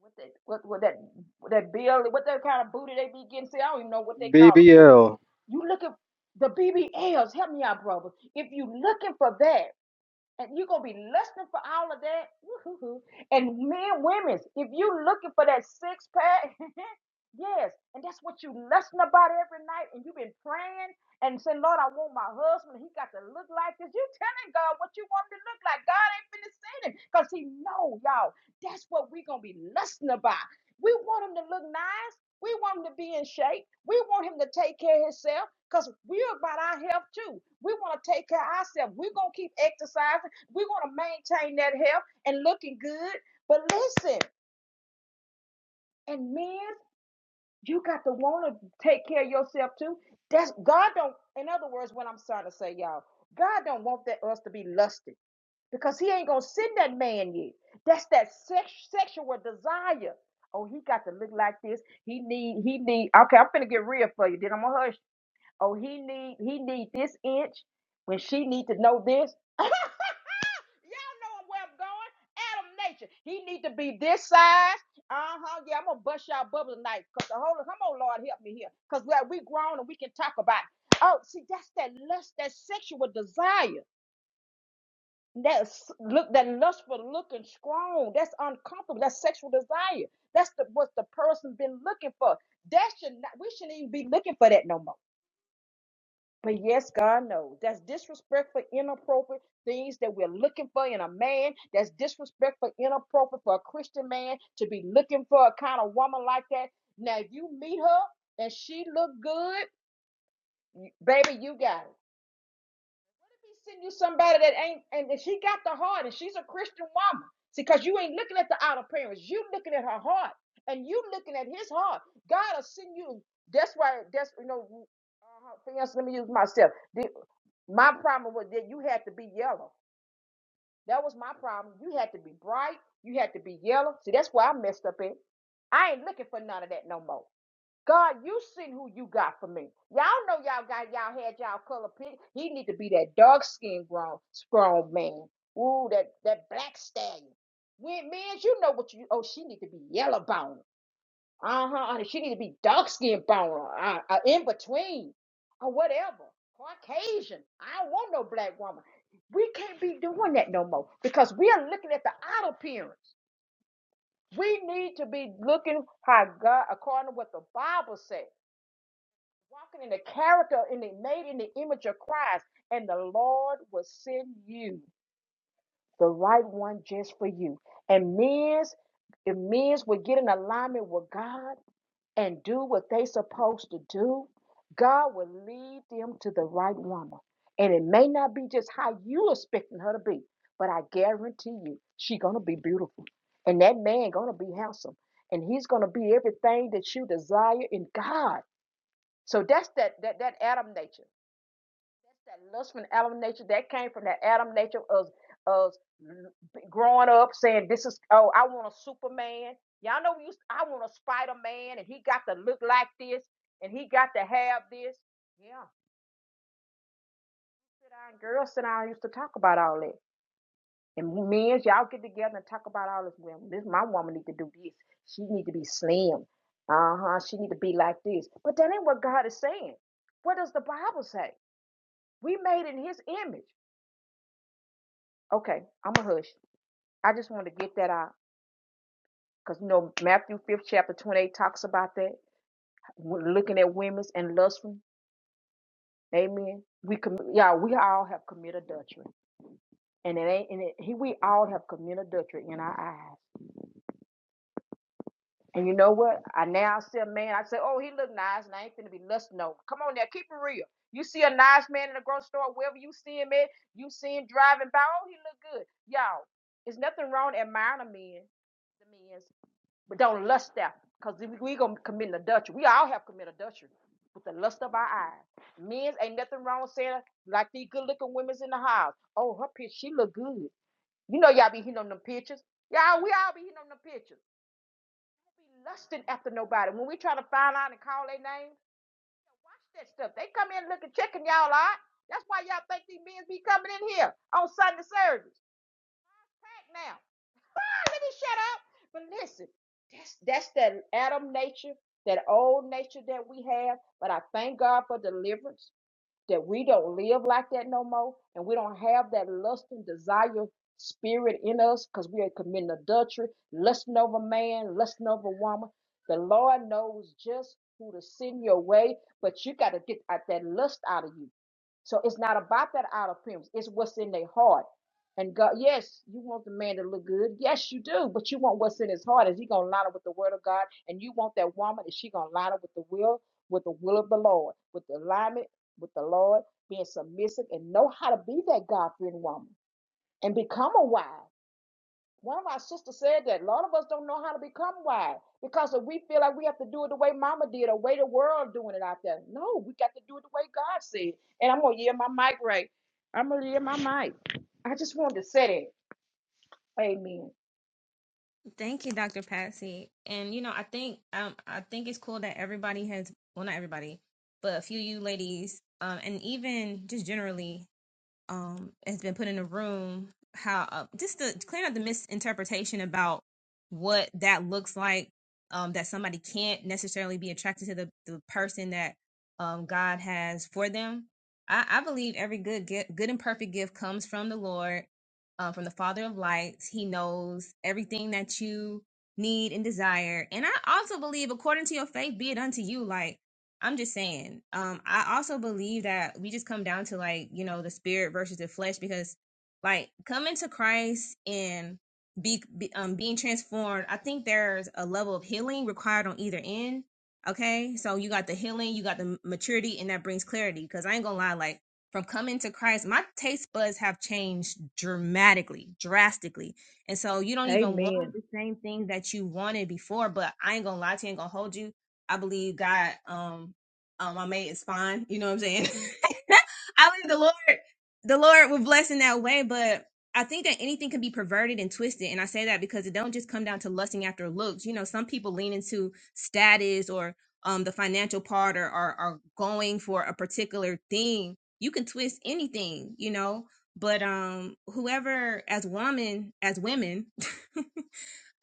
what that what, what that what that bill, what that kind of booty they be getting, see, I don't even know what they call them booties. BBL. You looking the BBLs, help me out, brother. If you looking for that, and you're gonna be lusting for all of that. Woo-hoo-hoo. And men, women, if you looking for that six pack, <laughs> yes, and that's what you lusting about every night, and you've been praying and saying, Lord, I want my husband. He got to look like this. You telling God what you want him to look like. God ain't finna send him because he know y'all. That's what we gonna be lusting about. We want him to look nice. We want him to be in shape. We want him to take care of himself because we're about our health too. We want to take care of ourselves. We're gonna keep exercising. We're going to maintain that health and looking good. But listen, and men, you got to want to take care of yourself too. That's God don't. In other words, what I'm trying to say, y'all, God don't want that us to be lusty because He ain't gonna send that man yet. That's that sex, sexual desire. Oh, he got to look like this. He need. He need. Okay, I'm finna get real for you. Then I'm gonna hush. Oh, he need he need this inch when she need to know this. <laughs> Y'all know where I'm going. Adam nature. He need to be this size. Uh-huh. Yeah, I'm gonna bust y'all bubble tonight. Cause the whole come on, Lord, help me here. Cause we we grown and we can talk about it. Oh, see, that's that lust, that sexual desire. That s- look, that lust for looking strong. That's uncomfortable. That's sexual desire. That's the what the person been looking for. That should not we shouldn't even be looking for that no more. But yes, God knows. That's disrespectful, inappropriate things that we're looking for in a man. That's disrespectful, inappropriate for a Christian man to be looking for a kind of woman like that. Now you meet her and she look good, y- baby, you got it. Let me send you somebody that ain't and that she got the heart and she's a Christian woman. See, because you ain't looking at the outer appearance, you looking at her heart and you looking at his heart. God will send you. That's why. That's you know. Uh, for instance, let me use myself. My problem was that you had to be yellow. That was my problem. You had to be bright. You had to be yellow. See, that's where I messed up at. I ain't looking for none of that no more. God, you seen who you got for me. Y'all know y'all got y'all had y'all color pick. He need to be that dark skinned grown strong man. Ooh, that that black stallion. When men, you know what you oh, she need to be yellow boned. Uh-huh. Oh, She need to be dark skinned brown uh, uh, in between or whatever. Caucasian. I don't want no black woman. We can't be doing that no more because we are looking at the outer appearance. We need to be looking how God, according to what the Bible says, walking in the character and the made in the image of Christ, and the Lord will send you the right one just for you. And men's if men's will get in alignment with God, and do what they supposed to do, God will lead them to the right woman. And it may not be just how you expecting her to be, but I guarantee you, she gonna be beautiful, and that man gonna be handsome, and he's gonna be everything that you desire in God. So that's that that that Adam nature. That lust from Adam nature that came from that Adam nature of of growing up saying this is oh I want a Superman. Y'all know we used to, I want a Spider Man and he got to look like this and he got to have this. Yeah, sit down, girls sit down used to talk about all that. And men, y'all get together and talk about all this. Well, this my woman need to do this. She need to be slim. Uh huh. She need to be like this. But that ain't what God is saying. What does the Bible say? We made in His image. Okay, I'm a hush. I just want to get that out because you know Matthew fifth chapter twenty eight talks about that. We're looking at women's and lustful, Amen. We com- yeah, we all have committed adultery, and it ain't and it, he, we all have committed adultery in our eyes. And you know what? I now see a man. I say, oh, he look nice, and I ain't finna be lusting over. Come on now, keep it real. You see a nice man in the grocery store, wherever you see him at, you see him driving by. Oh, he look good, y'all. It's nothing wrong admiring a man the men, But don't lust after, because if we gonna commit adultery, we all have committed adultery with the lust of our eyes. Men's ain't nothing wrong saying like these good looking women's in the house. Oh, her picture, she look good. You know y'all be hitting on them pictures. Y'all, we all be hitting on them pictures. do Be lusting after nobody. When we try to find out and call their names, watch that stuff. They come in looking, checking y'all out. That's why y'all think these men be coming in here on Sunday service. Pack now. let me shut up. But listen, that's that's that Adam nature, that old nature that we have. But I thank God for deliverance that we don't live like that no more and we don't have that lust and desire spirit in us because we are committing adultery, lusting over man, lusting over woman. The Lord knows just who to send your way, but you got to get out that lust out of you. So it's not about that outer appearance, it's what's in their heart. And God, yes, you want the man to look good. Yes, you do. But you want what's in his heart. Is he gonna line up with the word of God? And you want that woman, is she gonna line up with the will, with the will of the Lord, with the alignment with the Lord, being submissive, and know how to be that God fearing woman and become a wife. One of our sisters said that a lot of us don't know how to become wise because if we feel like we have to do it the way mama did or the way the world doing it out there. No, we got to do it the way God said. And I'm gonna yield my mic right. I'm gonna yield my mic. I just wanted to say that. Amen. Thank you, Dr. Patsy. And you know, I think um, I think it's cool that everybody has well, not everybody, but a few of you ladies, um, and even just generally um, has been put in a room. How uh, just to clear up the misinterpretation about what that looks like, um, that somebody can't necessarily be attracted to the, the person that um, God has for them. I, I believe every good gift, good and perfect gift comes from the Lord, uh, from the Father of Lights. He knows everything that you need and desire, and I also believe, according to your faith, be it unto you. Like I'm just saying. Um, I also believe that we just come down to like, you know, the spirit versus the flesh because like coming to Christ and be, be um being transformed, I think there's a level of healing required on either end. Okay? So you got the healing, you got the maturity and that brings clarity because I ain't going to lie like from coming to Christ, my taste buds have changed dramatically, drastically. And so you don't even want Amen. the same thing that you wanted before, but I ain't going to lie to you, ain't going to hold you I believe God, um, um, I made it spine. You know what I'm saying? <laughs> I believe the Lord, the Lord will bless in that way, but I think that anything can be perverted and twisted. And I say that because it don't just come down to lusting after looks. You know, some people lean into status or, um, the financial part or are, are going for a particular thing. You can twist anything, you know, but, um, whoever as woman, as women, <laughs>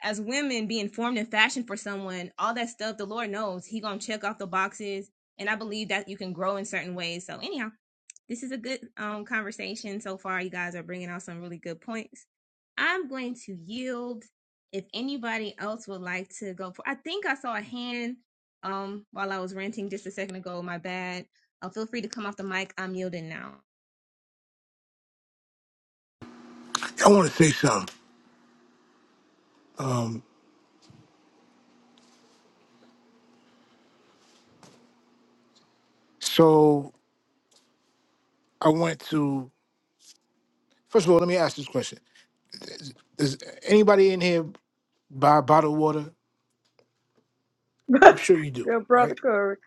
as women being formed and fashioned for someone, all that stuff, the Lord knows He gonna check off the boxes, and I believe that you can grow in certain ways. So anyhow, this is a good um conversation so far. You guys are bringing out some really good points. I'm going to yield. If anybody else would like to go for, I think I saw a hand um while I was ranting just a second ago. My bad. Uh, feel free to come off the mic. I'm yielding now. I want to say something. So I want to first of all let me ask this question: Is, does anybody in here buy bottled water? <laughs> I'm sure you do, Good brother right? Corey.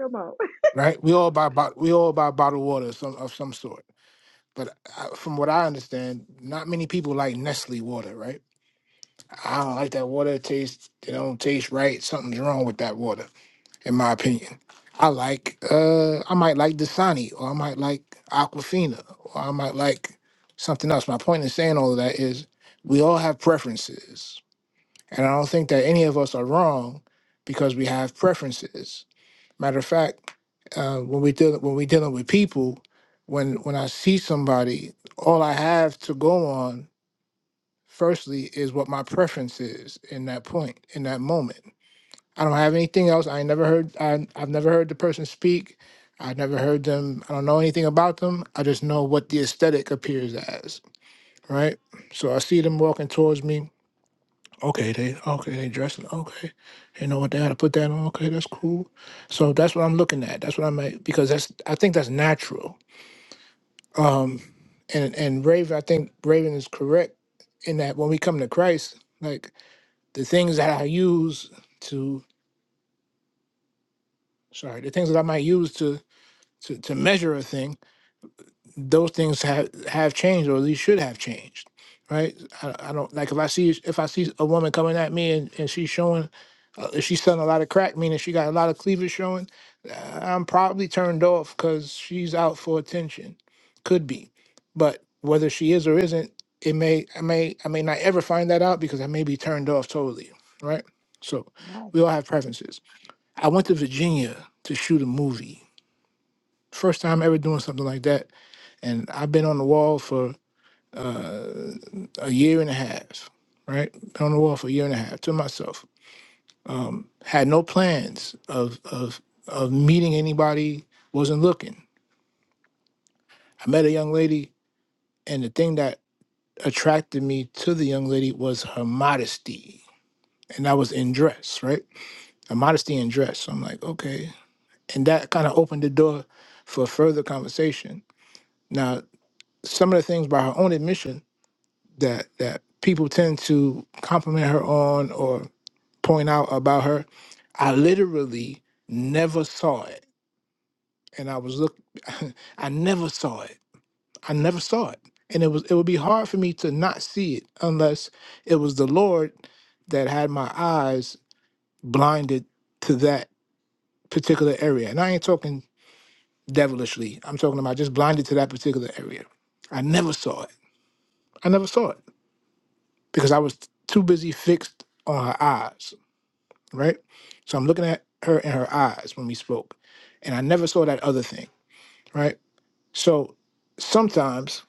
Come on. Right? We all buy bot- we all buy bottled water of some of some sort. But I, from what I understand, not many people like Nestle water, right? I don't like that water. It tastes it don't taste right. Something's wrong with that water, in my opinion. I like uh I might like Dasani or I might like Aquafina or I might like something else. My point in saying all of that is we all have preferences. And I don't think that any of us are wrong because we have preferences. Matter of fact, uh, when we deal when we're dealing with people, when when I see somebody, all I have to go on firstly is what my preference is in that point in that moment i don't have anything else i ain't never heard I, i've never heard the person speak i've never heard them i don't know anything about them i just know what the aesthetic appears as right so i see them walking towards me okay they okay they dressing okay you know what they gotta put that on okay that's cool so that's what i'm looking at that's what i'm at because that's i think that's natural um and and raven i think raven is correct in that when we come to christ like the things that I use to sorry, the things that I might use to to, to measure a thing, those things have have changed or at least should have changed. Right? I, I don't like if I see if I see a woman coming at me and, and she's showing uh, if she's selling a lot of crack, meaning she got a lot of cleavage showing, uh, I'm probably turned off because she's out for attention. Could be, but whether she is or isn't, it may I may I may not ever find that out because I may be turned off totally. Right? So Right. we all have preferences. I went to Virginia to shoot a movie. First time ever doing something like that, and I've been on the wall for uh, a year and a half. Right, been on the wall for a year and a half to myself. Um, had no plans of of of meeting anybody. Wasn't looking. I met a young lady, and the thing that attracted me to the young lady was her modesty, and I was in dress. Right, a modesty in dress. So I'm like, okay, and that kind of opened the door for further conversation. Now some of the things by her own admission that that people tend to compliment her on or point out about her i literally never saw it and i was look <laughs> i never saw it i never saw it and it was it would be hard for me to not see it unless it was the lord that had my eyes blinded to that particular area and i ain't talking devilishly i'm talking about just blinded to that particular area i never saw it i never saw it because I was too busy fixed on her eyes, right? So I'm looking at her in her eyes when we spoke, and I never saw that other thing, right? So sometimes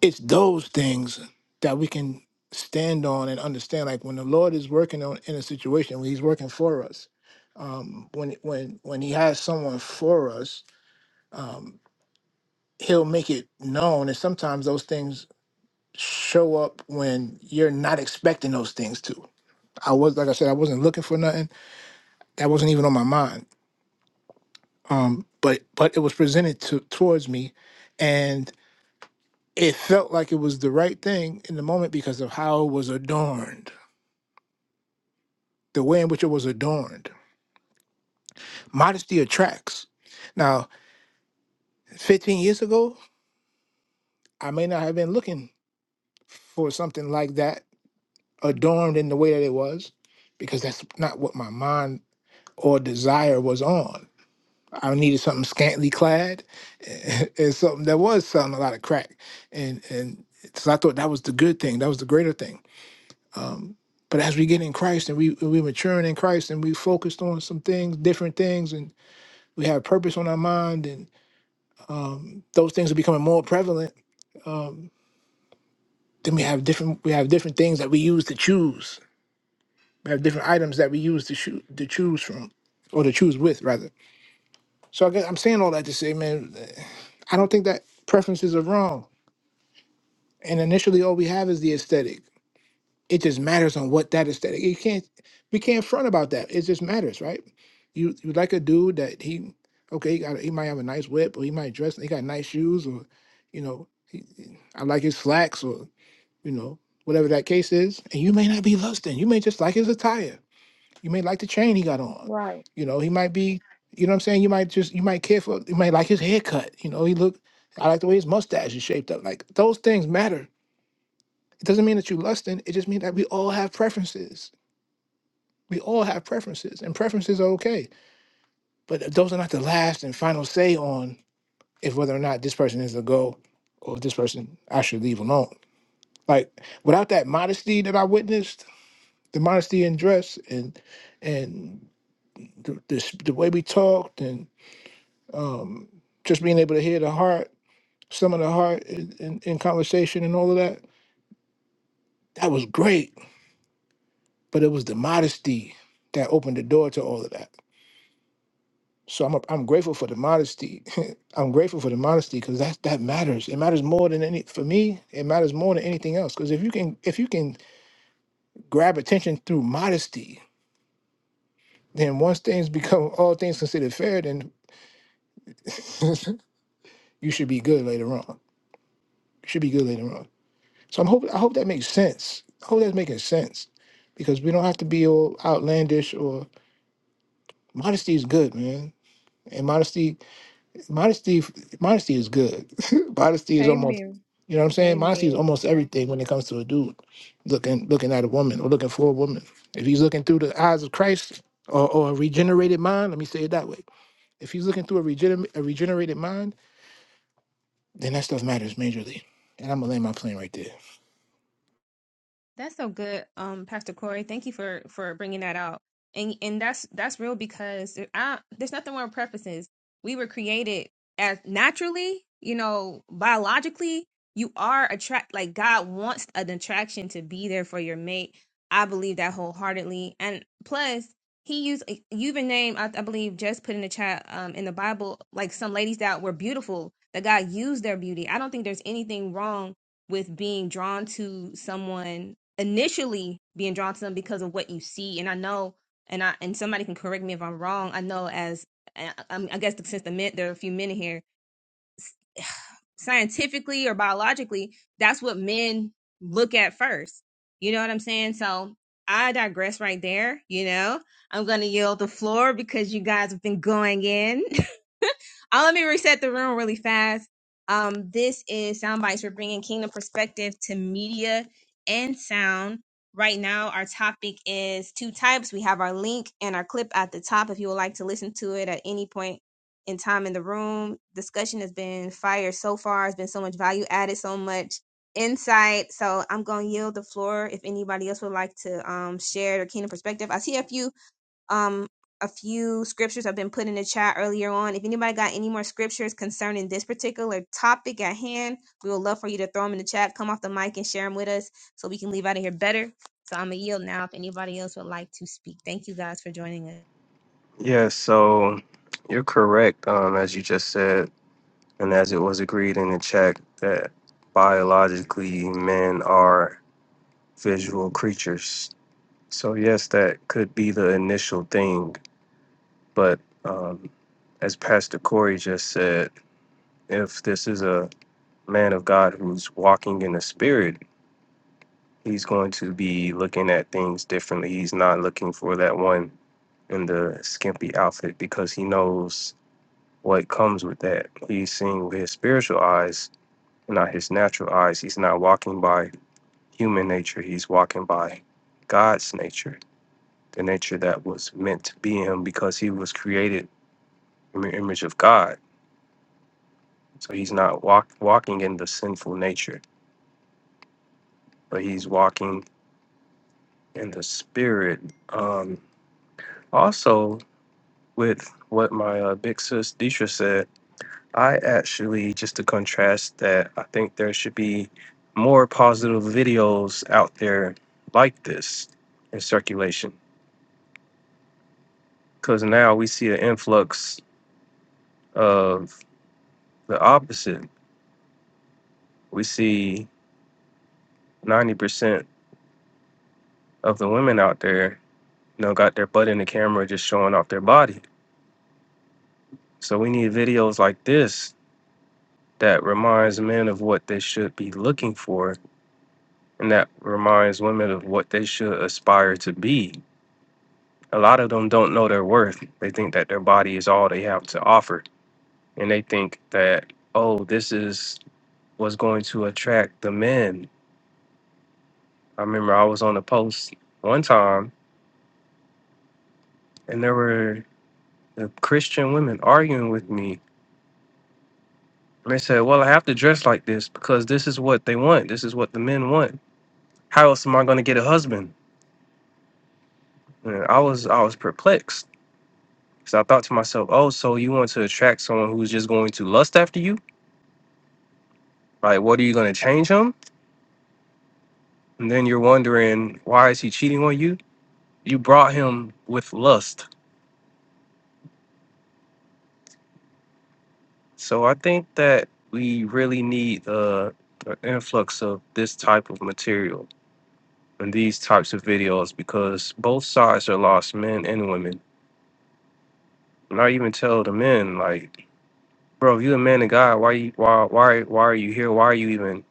it's those things that we can stand on and understand. Like when the Lord is working on in a situation, when He's working for us, um, when when when He has someone for us, um, He'll make it known. And sometimes those things show up when you're not expecting those things to I was like I said, I wasn't looking for nothing. That wasn't even on my mind. Um, but but it was presented to, towards me, and it felt like it was the right thing in the moment because of how it was adorned, the way in which it was adorned. Modesty attracts. Now, 15 years ago, I may not have been looking for something like that adorned in the way that it was, because that's not what my mind or desire was on I needed something scantily clad <laughs> and something that was selling a lot of crack. And and so I thought that was the good thing, that was the greater thing. Um, but as we get in Christ and we we maturing in Christ and we focused on some things, different things, and we have purpose on our mind, and those things are becoming more prevalent. Then we have different we have different things that we use to choose. We have different items that we use to shoot to choose from, or to choose with rather. So I guess I'm saying all that to say, man, I don't think that preferences are wrong. And initially, all we have is the aesthetic. It just matters on what that aesthetic. You can't we can't front about that. It just matters, right? You you like a dude that he okay, he got he might have a nice whip or he might dress. He got nice shoes or you know he, he- I like his slacks or you know whatever that case is. And you may not be lusting. You may just like his attire. You may like the chain he got on. Right. You know he might be. You know what I'm saying? You might just you might care for you might like his haircut. You know he look. I like the way his mustache is shaped up. Like those things matter it doesn't mean that you lusting. It just means that we all have preferences. We all have preferences, and preferences are okay. But those are not the last and final say on if whether or not this person is a go or if this person I should leave alone. Like without that modesty that I witnessed, the modesty in dress and and the the, s- the way we talked and um, just being able to hear the heart, some of the heart in, in, in conversation and all of that, that was great. But it was the modesty that opened the door to all of that So I'm a, I'm grateful for the modesty. <laughs> I'm grateful for the modesty because that that matters. It matters more than any for me. It matters more than anything else. Because if you can if you can grab attention through modesty, then once things <laughs> become all things considered fair, then <laughs> you should be good later on. You should be good later on. So I'm hope I hope that makes sense. I hope that's making sense because we don't have to be all outlandish or modesty is good, man. And modesty modesty modesty is good <laughs> modesty is almost Amen. you know what i'm saying modesty is Amen. almost everything when it comes to a dude looking looking at a woman or looking for a woman if he's looking through the eyes of christ or, or a regenerated mind let me say it that way if he's looking through a, regener- a regenerated mind then that stuff matters majorly and i'm gonna land my plane right there That's so good, um, Pastor Corey. Thank you for for bringing that out. And and that's that's real because I, there's nothing wrong with preferences. We were created as naturally, you know, biologically. You are attract like God wants an attraction to be there for your mate. I believe that wholeheartedly. And plus, He used eh, you even named I, I believe just put in the chat um in the Bible like some ladies that were beautiful that God used their beauty. I don't think there's anything wrong with being drawn to someone initially being drawn to them because of what you see and i know and i and somebody can correct me if i'm wrong i know as i, I'm- I guess since the men there are a few men in here <sighs> scientifically or biologically that's what men look at first you know what i'm saying so i digress right there you know i'm gonna yield the floor because you guys have been going in uh, let me reset the room really fast. Um, this is Soundbites. We're bringing kingdom perspective to media and sound. Right now, our topic is two types. We have our link and our clip at the top if you would like to listen to it at any point in time in the room. Discussion has been fire so far. It's been so much value added, so much insight. So I'm going to yield the floor if anybody else would like to um, share their kingdom perspective. I see a few um, a few scriptures have been put in the chat earlier on. If anybody got any more scriptures concerning this particular topic at hand, we would love for you to throw them in the chat. Come off the mic and share them with us so we can leave out of here better. So I'm gonna yield now if anybody else would like to speak. Thank you guys for joining us. Yeah, so you're correct, um, as you just said. and as it was agreed in the check that biologically men are visual creatures. So, yes, that could be the initial thing, but um, as Pastor Corey just said, if this is a man of God who's walking in the spirit, he's going to be looking at things differently. He's not looking for that one in the skimpy outfit because he knows what comes with that. He's seeing with his spiritual eyes not his natural eyes. He's not walking by human nature. He's walking by God's nature, the nature that was meant to be him because he was created in the image of God. So he's not walk, walking in the sinful nature, but he's walking in the spirit. Um, also, with what my uh, big sis Deisha said, I actually, just to contrast that, I think there should be more positive videos out there like this in circulation because now we see an influx of the opposite. We see 90% of the women out there, you know, got their butt in the camera just showing off their body. So we need videos like this that reminds men of what they should be looking for and that reminds women of what they should aspire to be. A lot of them don't know their worth. They think that their body is all they have to offer. And they think that, oh, this is what's going to attract the men I remember I was on a post one time and there were the Christian women arguing with me. And they said, Well, I have to dress like this because this is what they want. This is what the men want. How else am I gonna get a husband? And I was I was perplexed. So I thought to myself, Oh, so you want to attract someone who's just going to lust after you? Like what are you gonna change him? And then you're wondering, why is he cheating on you? You brought him with lust So I think that we really need uh, an influx of this type of material and these types of videos because both sides are lost, men and women. And I even tell the men, like, bro, if you a man and guy, why you why why why are you here? Why are you even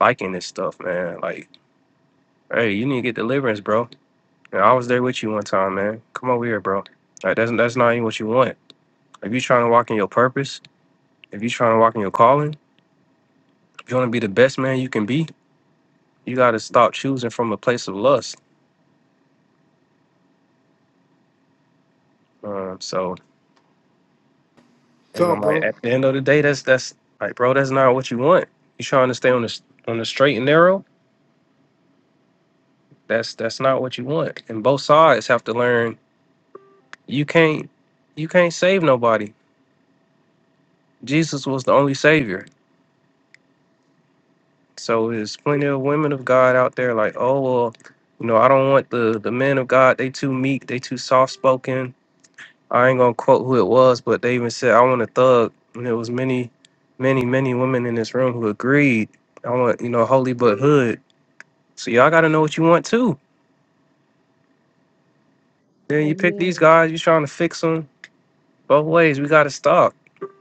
liking this stuff, man? Like, hey, you need to get deliverance, bro. And I was there with you one time, man. Come over here, bro. Like, that's that's not even what you want. If you trying to walk in your purpose, if you trying to walk in your calling, if you want to be the best man you can be, you got to stop choosing from a place of lust. Um, so, and I'm Talk, like, bro. at the end of the day, that's that's like, bro, that's not what you want. You trying to stay on the on the straight and narrow. That's that's not what you want. And both sides have to learn. You can't you can't save nobody. Jesus was the only savior. So there's plenty of women of God out there like, oh well, you know, I don't want the the men of God. They too meek. They too soft spoken I ain't gonna quote who it was, but they even said I want a thug, and there was many, many, many women in this room who agreed. I want you know holy but hood. So y'all got to know what you want too. Then you pick these Amen. guys. You trying to fix them both ways. We got to stop.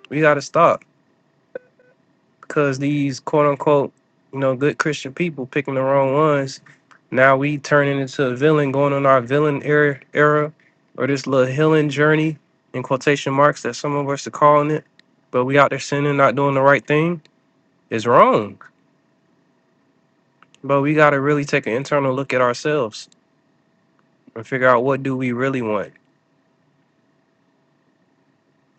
We got to stop because these quote unquote you know good Christian people picking the wrong ones. Now we turning into a villain, going on our villain era, era or this little healing journey in quotation marks that some of us are calling it. But we out there sinning, not doing the right thing is wrong. But we gotta really take an internal look at ourselves and figure out what do we really want.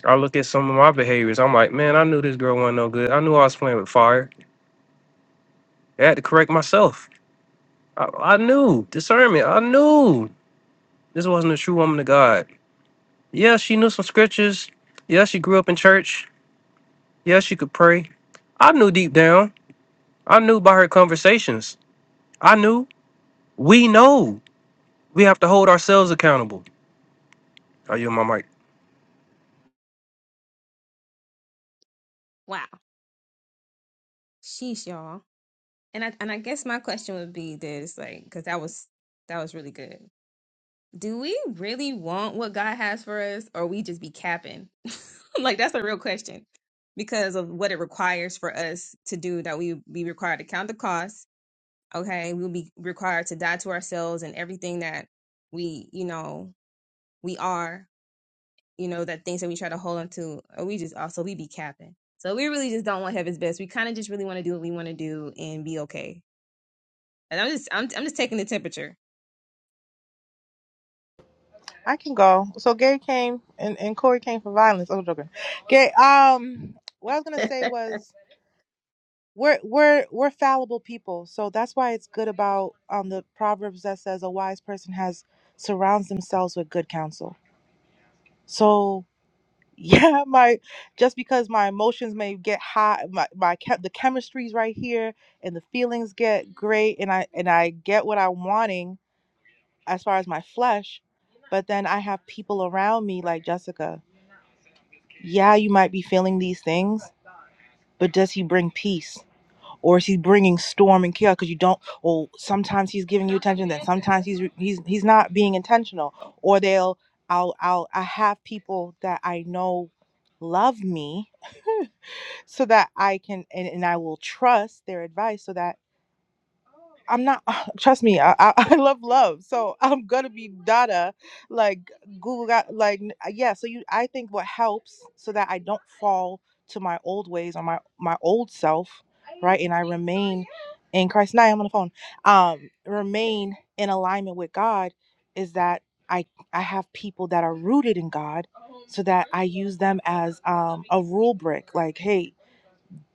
I look at some of my behaviors. I'm like, man, I knew this girl wasn't no good. I knew I was playing with fire. I had to correct myself. I, I knew discernment. I knew this wasn't a true woman of God. Yeah, she knew some scriptures. Yeah, she grew up in church. Yeah, she could pray. I knew deep down. I knew by her conversations. I knew. We know. We have to hold ourselves accountable. Are you on my mic? Wow, sheesh, y'all. And I and I guess my question would be that it's like because that was that was really good. do we really want what God has for us, or we just be capping? <laughs> like that's a real question because of what it requires for us to do. That we be required to count the cost. Okay, we'll be required to die to ourselves and everything that we, you know, we are. You know, that things that we try to hold on to, or we just also we be capping. So we really just don't want heaven's best. We kind of just really want to do what we want to do and be okay. And I'm just I'm I'm just taking the temperature i can go so gay came and, and corey came for violence i'm joking gay um what i was gonna say was we're we're we're fallible people so that's why it's good about um the proverbs that says a wise person has surrounds themselves with good counsel so yeah <laughs> my just because my emotions may get hot my, my chem- the chemistry's right here and the feelings get great and i and i get what i'm wanting as far as my flesh but then i have people around me like jessica yeah you might be feeling these things but does he bring peace or is he bringing storm and chaos because you don't or sometimes he's giving you attention then sometimes he's he's he's not being intentional or they'll i'll i'll i have people that i know love me so that i can and, and i will trust their advice so that I'm not. <laughs> <sighs> Trust me, I, I I love love, so I'm gonna be Dada, like Google got like n- uh, yeah. So you, I think what helps so that I don't fall to my old ways or my my old self, right? And I remain in Christ. Now I'm on the phone. Um, remain in alignment with God is that I I have people that are rooted in God, so that I use them as um a rule brick. Like hey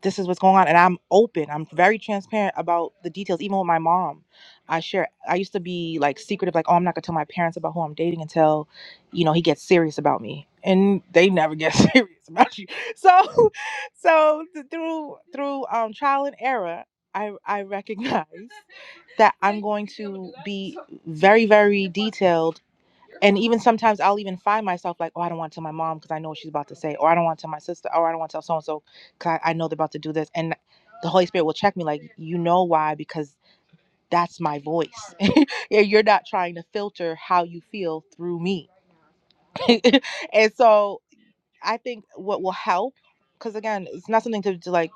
this is what's going on and i'm open i'm very transparent about the details even with my mom i share i used to be like secretive like oh i'm not going to tell my parents about who i'm dating until you know he gets serious about me and they never get <laughs> serious about you so <laughs> so th- through through um trial and error i i recognize that i'm going to be very very detailed and even sometimes I'll even find myself like, oh, I don't want to tell my mom because I know what she's about to say, or I don't want to tell my sister, or I don't want to tell so and so because I, I know they're about to do this. And the Holy Spirit will check me, like, you know why? Because that's my voice. <laughs> you're not trying to filter how you feel through me. <laughs> and so I think what will help, because again, it's not something to, to like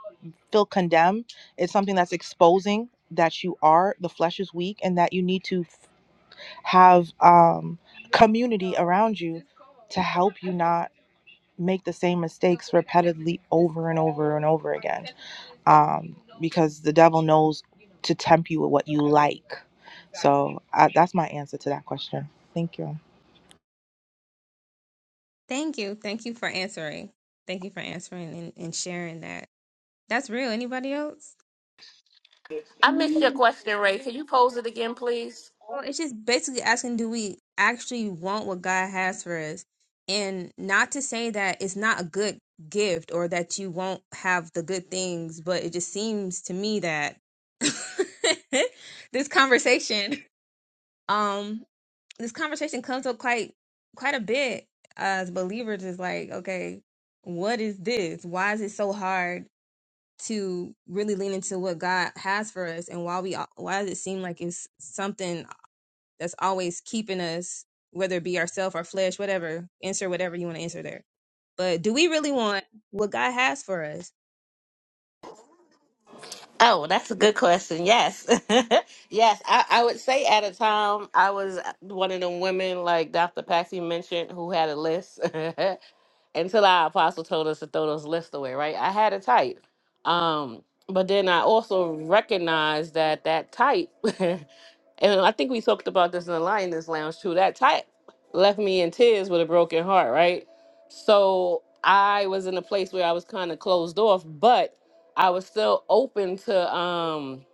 feel condemned. It's something that's exposing that you are the flesh is weak and that you need to have um, community around you to help you not make the same mistakes repeatedly over and over and over again um, because the devil knows to tempt you with what you like so uh, that's my answer to that question thank you Thank you. Thank you for answering. Thank you for answering and, and sharing that. That's real. Anybody else? I missed your question, Ray. Can you pose it again, please? Well, it's just basically asking do we actually want what God has for us? And not to say that it's not a good gift or that you won't have the good things, but it just seems to me that <laughs> this conversation um this conversation comes up quite quite a bit as believers is like, okay, what is this? Why is it so hard? to really lean into what God has for us and why we why does it seem like it's something that's always keeping us whether it be ourself our flesh whatever answer whatever you want to answer there but do we really want what God has for us Oh, that's a good question. Yes. <laughs> yes. I, I would say at a time I was one of them women like Dr. Patsy mentioned who had a list <laughs> until our apostle told us to throw those lists away, right? I had a type. Um, but then I also recognized that that type <laughs> And I think we talked about this in the Lioness Lounge too. That type left me in tears with a broken heart, right? So I was in a place where I was kind of closed off, but I was still open to um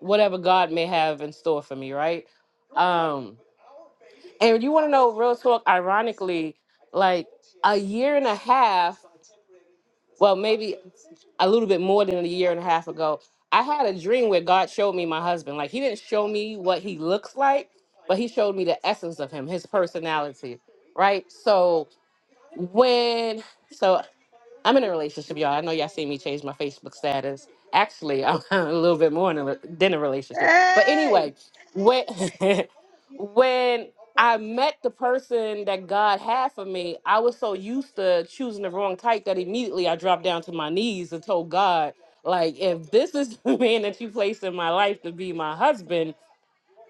whatever God may have in store for me, right? Um and you want to know real talk ironically like a year and a half, well maybe a little bit more than a year and a half ago, I had a dream where God showed me my husband. Like he didn't show me what he looks like, but he showed me the essence of him, his personality, right? So when so I'm in a relationship, y'all. I know y'all see me change my Facebook status. Actually, I'm <laughs> a little bit more in a, than a relationship. But Hey! anyway, when <laughs> when I met the person that God had for me, I was so used to choosing the wrong type that immediately I dropped down to my knees and told God, like, if this is <laughs> the man that you placed in my life to be my husband,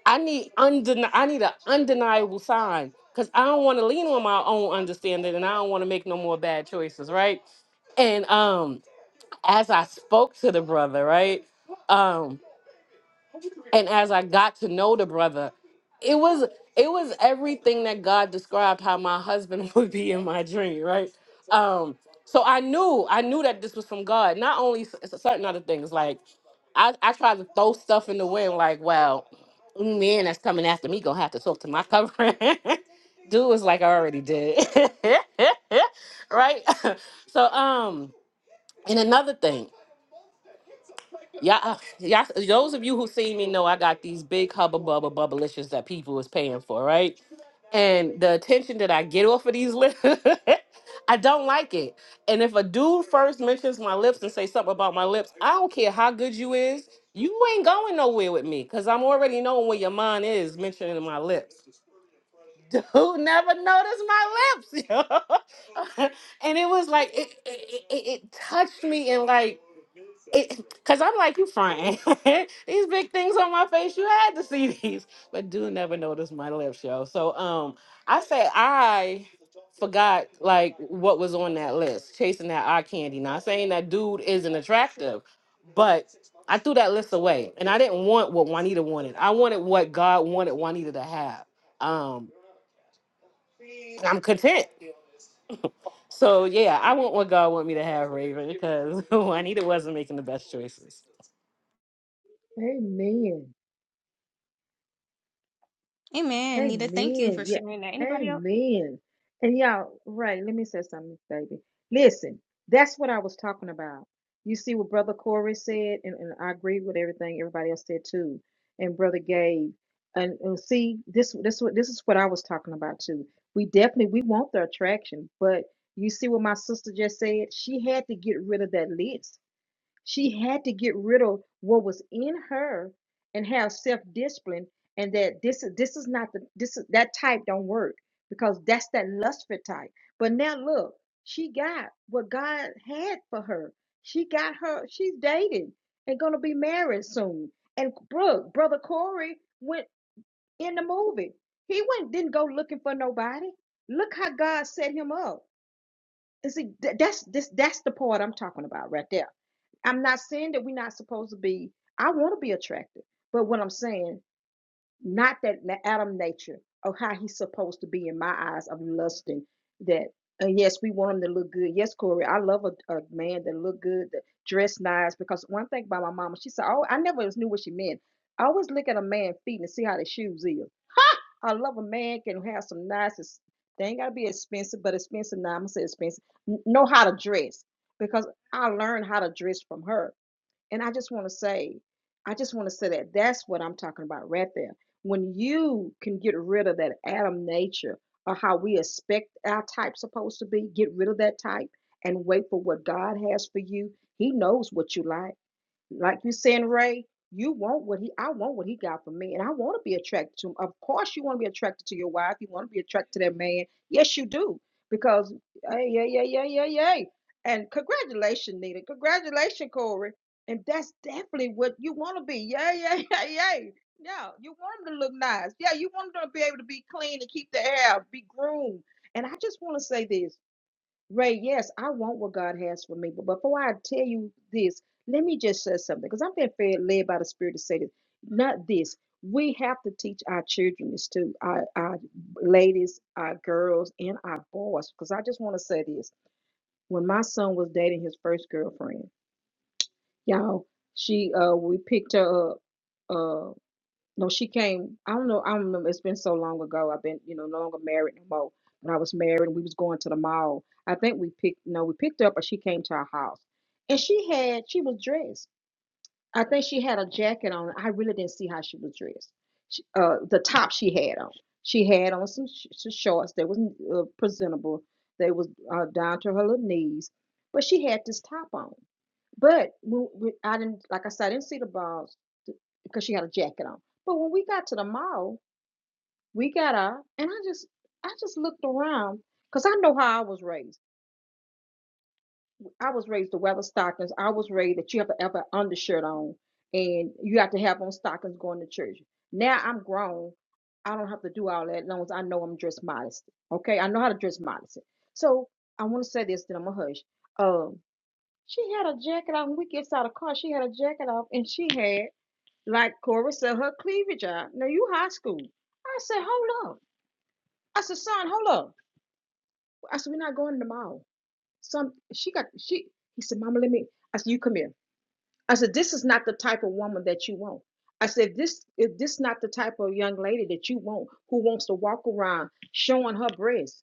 I need undeni- I need an undeniable sign because I don't want to lean on my own understanding and I don't want to make no more bad choices, right? And um, as I spoke to the brother, right? um, and as I got to know the brother, it was it was everything that God described how my husband <laughs> would be in my dream, right? Um, so I knew I knew that this was from God. Not only s- s- certain other things, like I I tried to throw stuff in the wind, like, well, man, that's coming after me gonna have to talk to my covering. <laughs> Dude was like, I already did, <laughs> right? <laughs> so um, and another thing. Yeah, uh, yeah. Those of you who see me know I got these big hubba bubba bubblicious that people is paying for, right? And the attention that I get off of these lips, <laughs> I don't like it. And if a dude first mentions my lips and say something about my lips, I don't care how good you is, you ain't going nowhere with me because I'm already knowing where your mind is mentioning my lips. <laughs> Dude never noticed my lips. yo. <laughs> and it was like it it, it, it touched me and like it because I'm like, you frying <laughs> these big things on my face. You had to see these, but do never notice my lips, yo. So um, I say I forgot like what was on that list, chasing that eye candy. Not saying that dude isn't attractive, but I threw that list away, and I didn't want what Juanita wanted. I wanted what God wanted Juanita to have. Um, I'm content. So yeah, I want what God want me to have, Raven, because <laughs> Juanita wasn't making the best choices. Amen. amen Nita thank you for Amen. Yeah. sharing that anybody else Amen. And y'all, right, let me say something, baby. Listen, that's what I was talking about. You see what Brother Corey said, and, and I agree with everything everybody else said too, and Brother Gabe. And, and see, this this what this is what I was talking about too. We definitely we want the attraction, but you see what my sister just said? She had to get rid of that list She had to get rid of what was in her and have self-discipline and that this is this is not the this is that type don't work because that's that lustful type. But now look, she got what God had for her. She got her, she's dating and gonna be married soon. And Brooke, brother Corey went in the movie. He went didn't go looking for nobody. Look how God set him up. And see, that's this that's the part I'm talking about right there. I'm not saying that we're not supposed to be. I want to be attractive, but what I'm saying, not that na- Adam nature of how he's supposed to be in my eyes of lusting. That uh, yes, we want him to look good. Yes, Corey, I love a, a man that look good, that dress nice. Because one thing about my mama, she said, oh, I never knew what she meant. I always look at a man' feet and see how the shoes is. I love a man can have some nice. ex- They ain't gotta be expensive, but expensive. Now I'm gonna say expensive. N- Know how to dress because I learned how to dress from her, and I just want to say, I just want to say that that's what I'm talking about right there. When you can get rid of that Adam nature or how we expect our type supposed to be, get rid of that type and wait for what God has for you. He knows what you like like you saying, Ray, you want what he I want what he got for me, and I want to be attracted to him. Of course, you want to be attracted to your wife. You want to be attracted to that man. Yes, you do. Because hey, yeah, yeah, yeah, yeah, yeah. And congratulations, Nita. Congratulations, Corey. And that's definitely what you want to be. Yeah, yeah, <laughs> yeah, yeah. Yeah, you want him to look nice. Yeah, you want him to be able to be clean and keep the hair, be groomed. And I just want to say this. Ray, yes, I want what God has for me. But before I tell you this, let me just say something because I'm being fed, led by the Spirit to say this. Not this. We have to teach our children this too, our, our ladies, our girls, and our boys. Because I just want to say this. When my son was dating his first girlfriend, y'all, she uh we picked her up. uh, no, she came. I don't know. I don't remember. It's been so long ago. I've been, you know, no longer married no more. When I was married, and we was going to the mall. I think we picked. No, we picked her up, or she came to our house, and she had. She was dressed. I think she had a jacket on. I really didn't see how she was dressed. She, uh, the top she had on. She had on some, sh- some shorts that was uh, presentable. They was uh, down to her little knees, but she had this top on. But when, when I didn't, like I said, I didn't see the balls th- because she had a jacket on. But when we got to the mall, we got out, and I just, I just looked around because I know how I was raised. I was raised to weather stockings. I was raised that you have to have an undershirt on, and you have to have on stockings going to church. Now I'm grown. I don't have to do all that as long as I know I'm dressed modestly, Okay, I know how to dress modestly. So I want to say this, then I'm a hush. Um, she had a jacket on. When We gets out of the car. She had a jacket off, and she had, like Cora said, her cleavage out. Now you high school. I said, hold up. I said, son, hold up. I said, we're not going to the mall. Some she got she. He said, Mama, let me. I said, you come here. I said, this is not the type of woman that you want. I said, this is this not the type of young lady that you want who wants to walk around showing her breasts.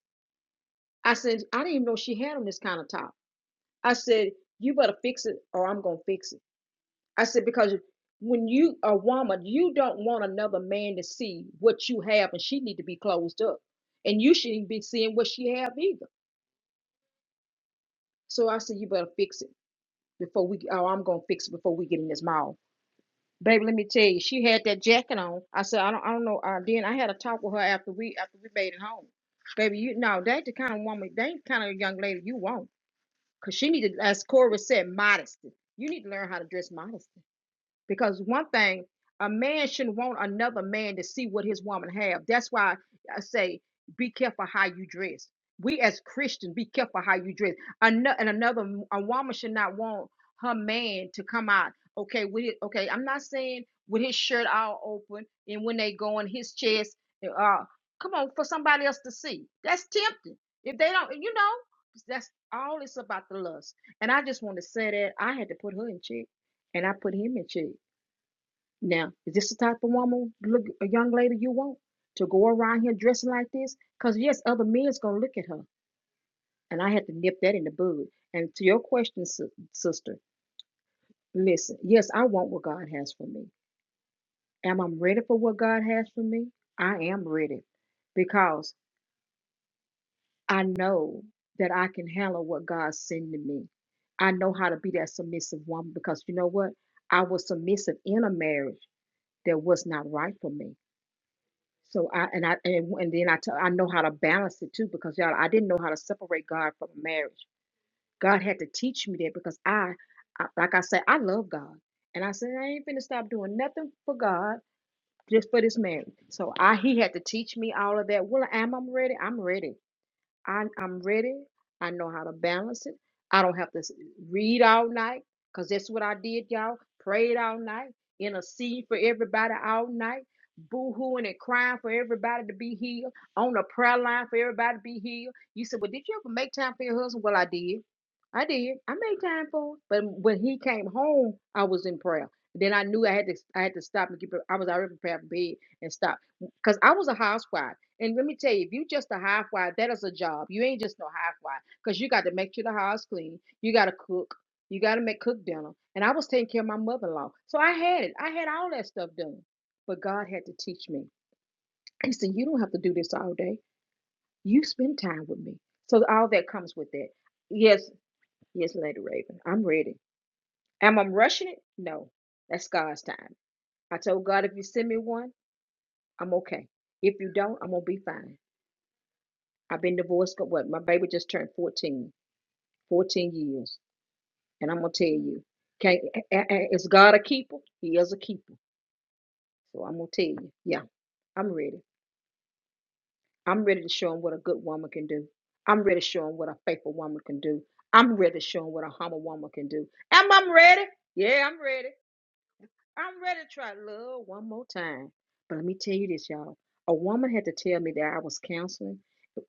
I said, I didn't even know she had on this kind of top. I said, you better fix it or I'm gonna fix it. I said, because when you a woman, you don't want another man to see what you have, and she need to be closed up, and you shouldn't be seeing what she have either. So I said, you better fix it before we. Oh, I'm gonna fix it before we get in this mall, baby. Let me tell you, she had that jacket on. I said, I don't, I don't know. Uh, then I had a talk with her after we after we made it home, baby. You know that's the kind of woman, that ain't the kind of young lady you want, cause she need to, as Cora said, modesty. You need to learn how to dress modesty. because one thing a man shouldn't want another man to see what his woman have that's why i say be careful how you dress we as christians be careful how you dress Ano- and another a woman should not want her man to come out okay with it okay i'm not saying with his shirt all open and when they go in his chest eh, uh come on for somebody else to see that's tempting if they don't you know that's all it's about the lust and i just want to say that i had to put her in check and i put him in check now, is this the type of woman, look, a young lady you want to go around here dressing like this? Because, yes, other men's going to look at her. And I had to nip that in the bud. And to your question, sis- sister, listen, yes, I want what God has for me. Am I ready for what God has for me? I am ready because I know that I can handle what God's sending me. I know how to be that submissive woman because you know what? I was submissive in a marriage that was not right for me. So I and I and, and then I t- I know how to balance it too because y'all I didn't know how to separate God from marriage. God had to teach me that because I, I like I said I love God and I said I ain't finna stop doing nothing for God just for this marriage. So I he had to teach me all of that. Well, am i ready? I'm ready. I, I'm ready. I know how to balance it. I don't have to s- read all night because that's what I did, y'all. Prayed all night, intercede for everybody all night, boo hooing and crying for everybody to be healed, on the prayer line for everybody to be healed. You said, Well, did you ever make time for your husband? Well, I did. I did. I made time for him. But when he came home, I was in prayer. Then I knew I had to I had to stop and get pre- I was already prepared for bed and stop. Because I was a housewife. And let me tell you, if you just a housewife, that is a job. You ain't just no housewife because you got to make sure the house clean. You got to cook. You got to make cook dinner. And I was taking care of my mother-in-law, so I had it. I had all that stuff done. But God had to teach me. He said, "You don't have to do this all day. You spend time with me." So all that comes with that. Yes, yes, Lady Raven, I'm ready. Am I rushing it? No, that's God's time. I told God, if you send me one, I'm okay. If you don't, I'm gonna be fine. I've been divorced, but what? My baby just turned 14, 14 years. And I'm going to tell you, can, is God a keeper? He is a keeper. So I'm going to tell you, yeah, I'm ready. I'm ready to show him what a good woman can do. I'm ready to show him what a faithful woman can do. I'm ready to show him what a humble woman can do. Am I ready? Yeah, I'm ready. I'm ready to try love one more time. But let me tell you this, y'all. A woman had to tell me that I was counseling.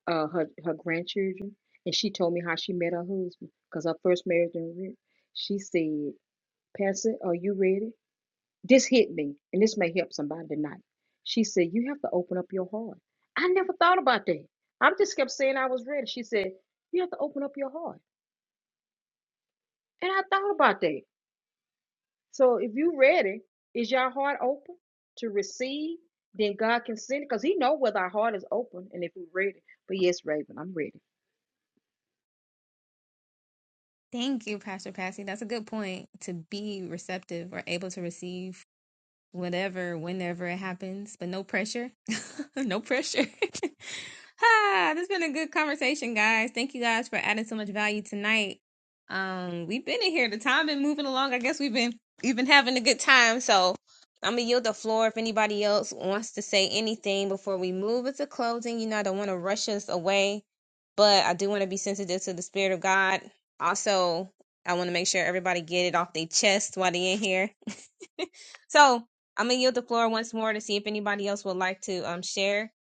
uh her her grandchildren, and she told me how she met her husband because her first marriage didn't work. She said, "Pastor, are you ready?" This hit me, and this may help somebody tonight. She said, "You have to open up your heart." I never thought about that. I just kept saying I was ready. She said, "You have to open up your heart," and I thought about that. So if you ready, is your heart open to receive? Then God can send it because He know whether our heart is open and if we're ready. But yes, Raven, I'm ready. thank you pastor Patsy that's a good point to be receptive or able to receive whatever, whenever it happens, but no pressure. <laughs> no pressure. <laughs> ah, this has been a good conversation, guys. Thank you guys for adding so much value tonight. Um, we've been in here. The time been moving along. I guess we've been we've been having a good time. So I'm gonna yield the floor if anybody else wants to say anything before we move into closing. You know, I don't want to rush us away, but I do want to be sensitive to the spirit of God. Also, I want to make sure everybody get it off their chest while they're in here. So I'm gonna yield the floor once more to see if anybody else would like to um share,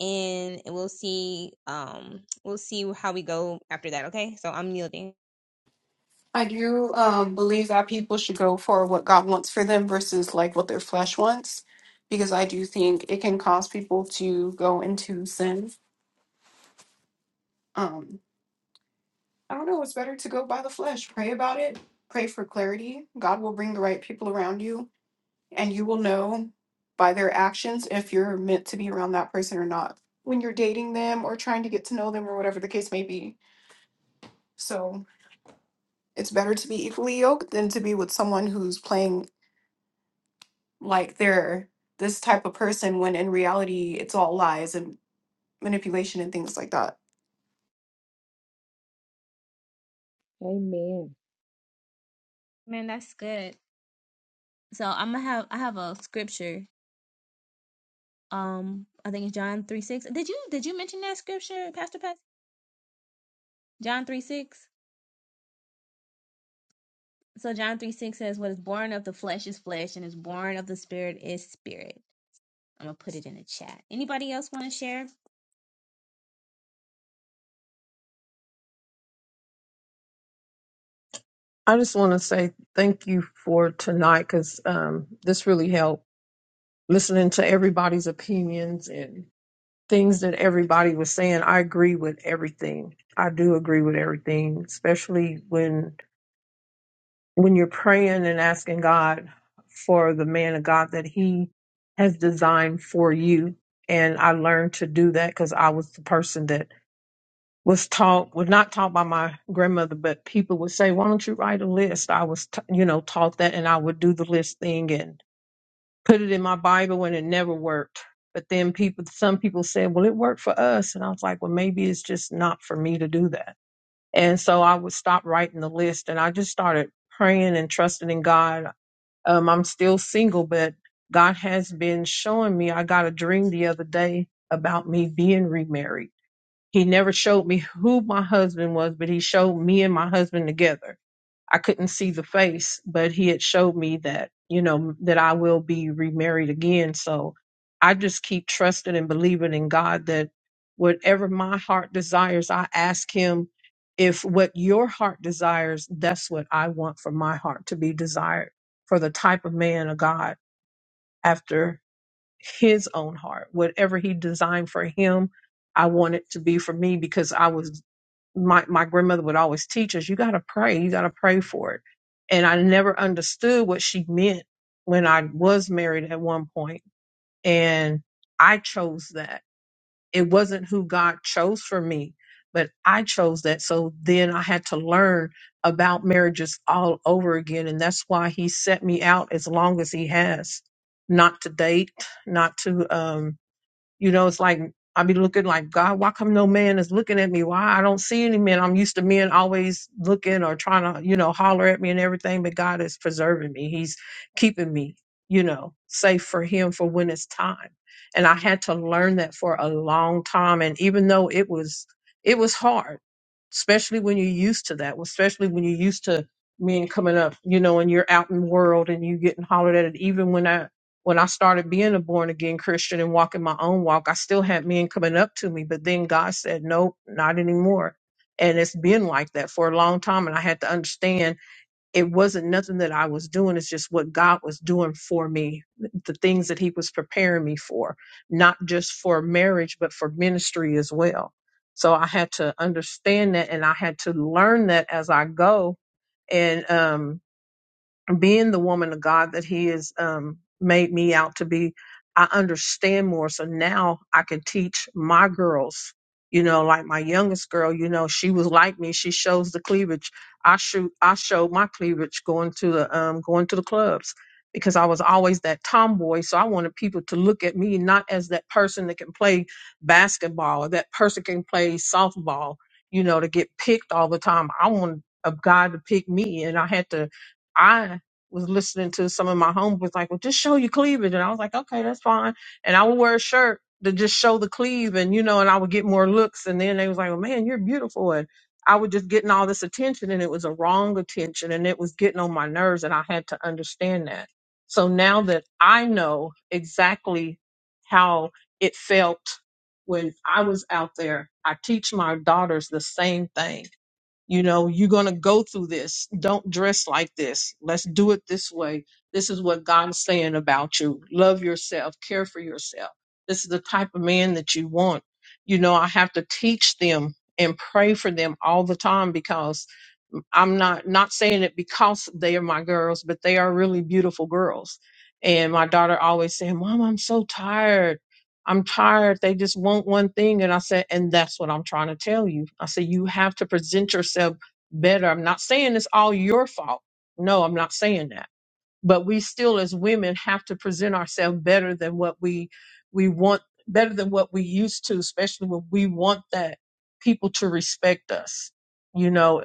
and we'll see um we'll see how we go after that. Okay, so I'm yielding. I do um, believe that people should go for what God wants for them versus like what their flesh wants, because I do think it can cause people to go into sin. Um, I don't know. It's better to go by the flesh. Pray about it. Pray for clarity. God will bring the right people around you, and you will know by their actions if you're meant to be around that person or not when you're dating them or trying to get to know them or whatever the case may be. So it's better to be equally yoked than to be with someone who's playing like they're this type of person when in reality it's all lies and manipulation and things like that. Amen. Man, that's good. So I'm gonna have I have a scripture. Um, I think it's John three six. Did you did you mention that scripture, Pastor Pat? John three six. So John three six says, "What is born of the flesh is flesh, and is born of the spirit is spirit." I'm gonna put it in the chat. Anybody else want to share? I just want to say thank you for tonight because um, this really helped listening to everybody's opinions and things that everybody was saying. I agree with everything. I do agree with everything, especially when when you're praying and asking God for the man of God that He has designed for you. And I learned to do that because I was the person that was taught was not taught by my grandmother but people would say why don't you write a list i was t- you know taught that and i would do the list thing and put it in my bible and it never worked but then people some people said well it worked for us and i was like well maybe it's just not for me to do that and so i would stop writing the list and i just started praying and trusting in god um, i'm still single but god has been showing me i got a dream the other day about me being remarried he never showed me who my husband was, but he showed me and my husband together. I couldn't see the face, but he had showed me that, you know, that I will be remarried again. So I just keep trusting and believing in God that whatever my heart desires, I ask him if what your heart desires, that's what I want for my heart to be desired for the type of man of God after his own heart. Whatever he designed for him, I want it to be for me because I was my, my grandmother would always teach us, you got to pray, you got to pray for it. And I never understood what she meant when I was married at one point. And I chose that. It wasn't who God chose for me, but I chose that. So then I had to learn about marriages all over again. And that's why he set me out as long as he has, not to date, not to, um, you know, it's like I be looking like God. Why come no man is looking at me? Why I don't see any men? I'm used to men always looking or trying to, you know, holler at me and everything. But God is preserving me. He's keeping me, you know, safe for Him for when it's time. And I had to learn that for a long time. And even though it was, it was hard, especially when you're used to that. Especially when you're used to men coming up, you know, and you're out in the world and you getting hollered at. It. Even when I when I started being a born again Christian and walking my own walk, I still had men coming up to me, but then God said, nope, not anymore. And it's been like that for a long time. And I had to understand it wasn't nothing that I was doing. It's just what God was doing for me, the things that He was preparing me for, not just for marriage, but for ministry as well. So I had to understand that and I had to learn that as I go. And um, being the woman of God that He has um, made me out to be, I understand more. So now I can teach my girls. You know, like my youngest girl, you know, she was like me. She shows the cleavage. I shoot. I showed my cleavage going to the um, going to the clubs because I was always that tomboy. So I wanted people to look at me not as that person that can play basketball or that person can play softball. You know, to get picked all the time. I wanted a guy to pick me, and I had to. I was listening to some of my homies was like, well, just show your cleavage. And I was like, okay, that's fine. And I would wear a shirt to just show the cleave and, you know, and I would get more looks. And then they was like, well, man, you're beautiful. And I was just getting all this attention and it was a wrong attention and it was getting on my nerves. And I had to understand that. So now that I know exactly how it felt when I was out there, I teach my daughters the same thing you know, you're going to go through this. Don't dress like this. Let's do it this way. This is what God is saying about you. Love yourself, care for yourself. This is the type of man that you want. You know, I have to teach them and pray for them all the time because I'm not not saying it because they are my girls, but they are really beautiful girls. And my daughter always saying, "Mom, I'm so tired. I'm tired. They just want one thing. And I said, and that's what I'm trying to tell you. I said, you have to present yourself better. I'm not saying it's all your fault. No, I'm not saying that. But we still, as women, have to present ourselves better than what we we want, better than what we used to, especially when we want that people to respect us. You know,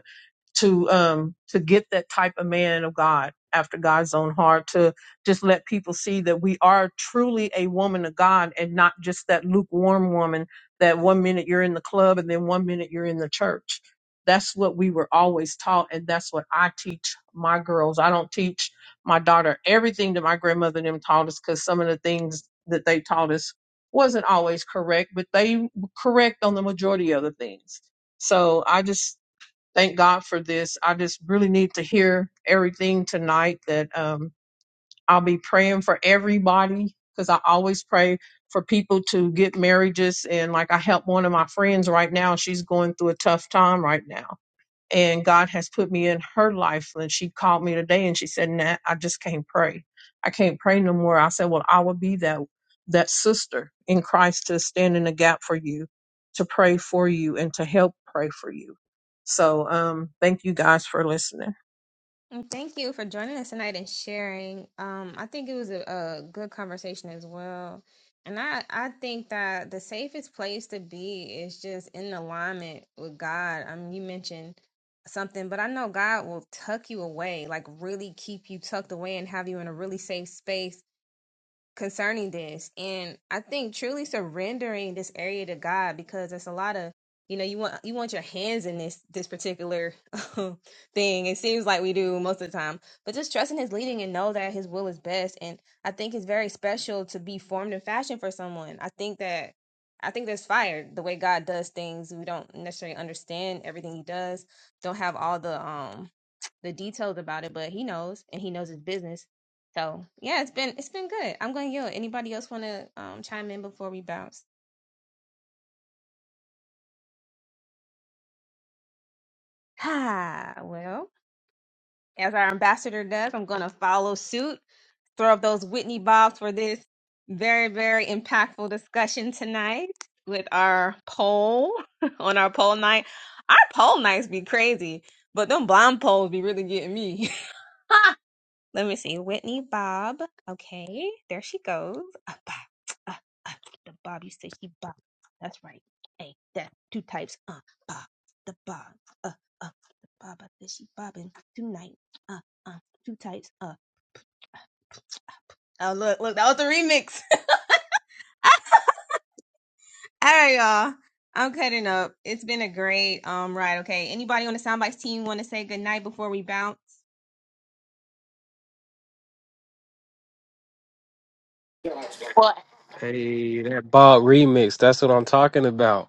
to um to get that type of man of God after God's own heart to just let people see that we are truly a woman of God and not just that lukewarm woman that one minute you're in the club and then one minute you're in the church. That's what we were always taught and that's what I teach my girls. I don't teach my daughter everything that my grandmother and them taught us cuz some of the things that they taught us wasn't always correct, but they were correct on the majority of the things. So I just thank God for this. I just really need to hear everything tonight that um, I'll be praying for everybody because I always pray for people to get marriages. And like I help one of my friends right now, she's going through a tough time right now and God has put me in her life. And she called me today and she said, Nat, I just can't pray. I can't pray no more. I said, Well, I will be that that sister in Christ to stand in the gap for you, to pray for you and to help pray for you. So um thank you guys for listening. And Thank you for joining us tonight and sharing. Um, I think it was a, a good conversation as well. And I, I think that the safest place to be is just in alignment with God. I mean, you mentioned something, but I know God will tuck you away, like really keep you tucked away and have you in a really safe space concerning this. And I think truly surrendering this area to God because there's a lot of you know you want you want your hands in this this particular <laughs> thing. It seems like we do most of the time, but just trusting His leading and know that His will is best. And I think it's very special to be formed and fashioned for someone. I think that I think there's fire the way God does things. We don't necessarily understand everything He does. Don't have all the um the details about it, but he knows and he knows his business. So yeah, it's been it's been good. I'm going to yield. Anybody else want to um, chime in before we bounce? Ah, Well, as our ambassador does, I'm going to follow suit. Throw up those Whitney bobs for this very very impactful discussion tonight with our poll <laughs> on our poll night. Our poll nights be crazy, but them blind polls be really getting me. <laughs> Let me see. Whitney Bob. Okay, there she goes. Ah, bah, ah, ah. The Bob you said she Bob. That's right. Hey, that two types. Uh, Bob. The Bob. Uh, uh. The Bob. I said she bobbing tonight. Uh, uh. Two types. Uh. Oh look, look. That was the remix. All right, y'all. I'm cutting up. It's been a great um ride. Okay. Anybody on the Soundbites team want to say goodnight before we bounce? Well, Hey, that Bob remix. That's what I'm talking about.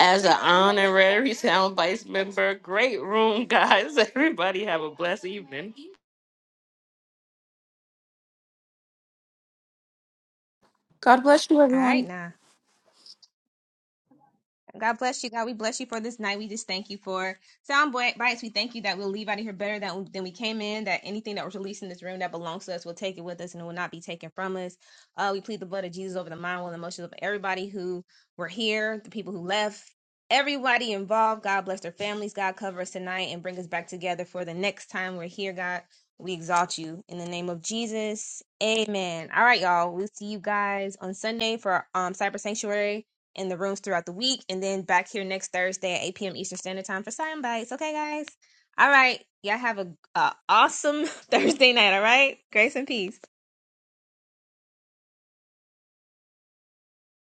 As an honorary soundbites member, great room, guys. <laughs> Everybody have a blessed evening. God bless you, All right, everyone. now. God bless you. God, we bless you for this night. We just thank you for sound bi- bites. We thank you that we'll leave out of here better than, than we came in, that anything that was released in this room that belongs to us, we'll take it with us and it will not be taken from us. Uh, we plead the blood of Jesus over the mind, will, and emotions of everybody who were here, the people who left, everybody involved. God bless their families. God cover us tonight and bring us back together for the next time we're here, God. We exalt you in the name of Jesus. Amen. All right, y'all. We'll see you guys on Sunday for um Cyber Sanctuary in the rooms throughout the week, and then back here next Thursday at 8 p.m. Eastern Standard Time for Sign Bites. Okay, guys. All right. Y'all have a, a awesome <laughs> Thursday night. All right. Grace and peace.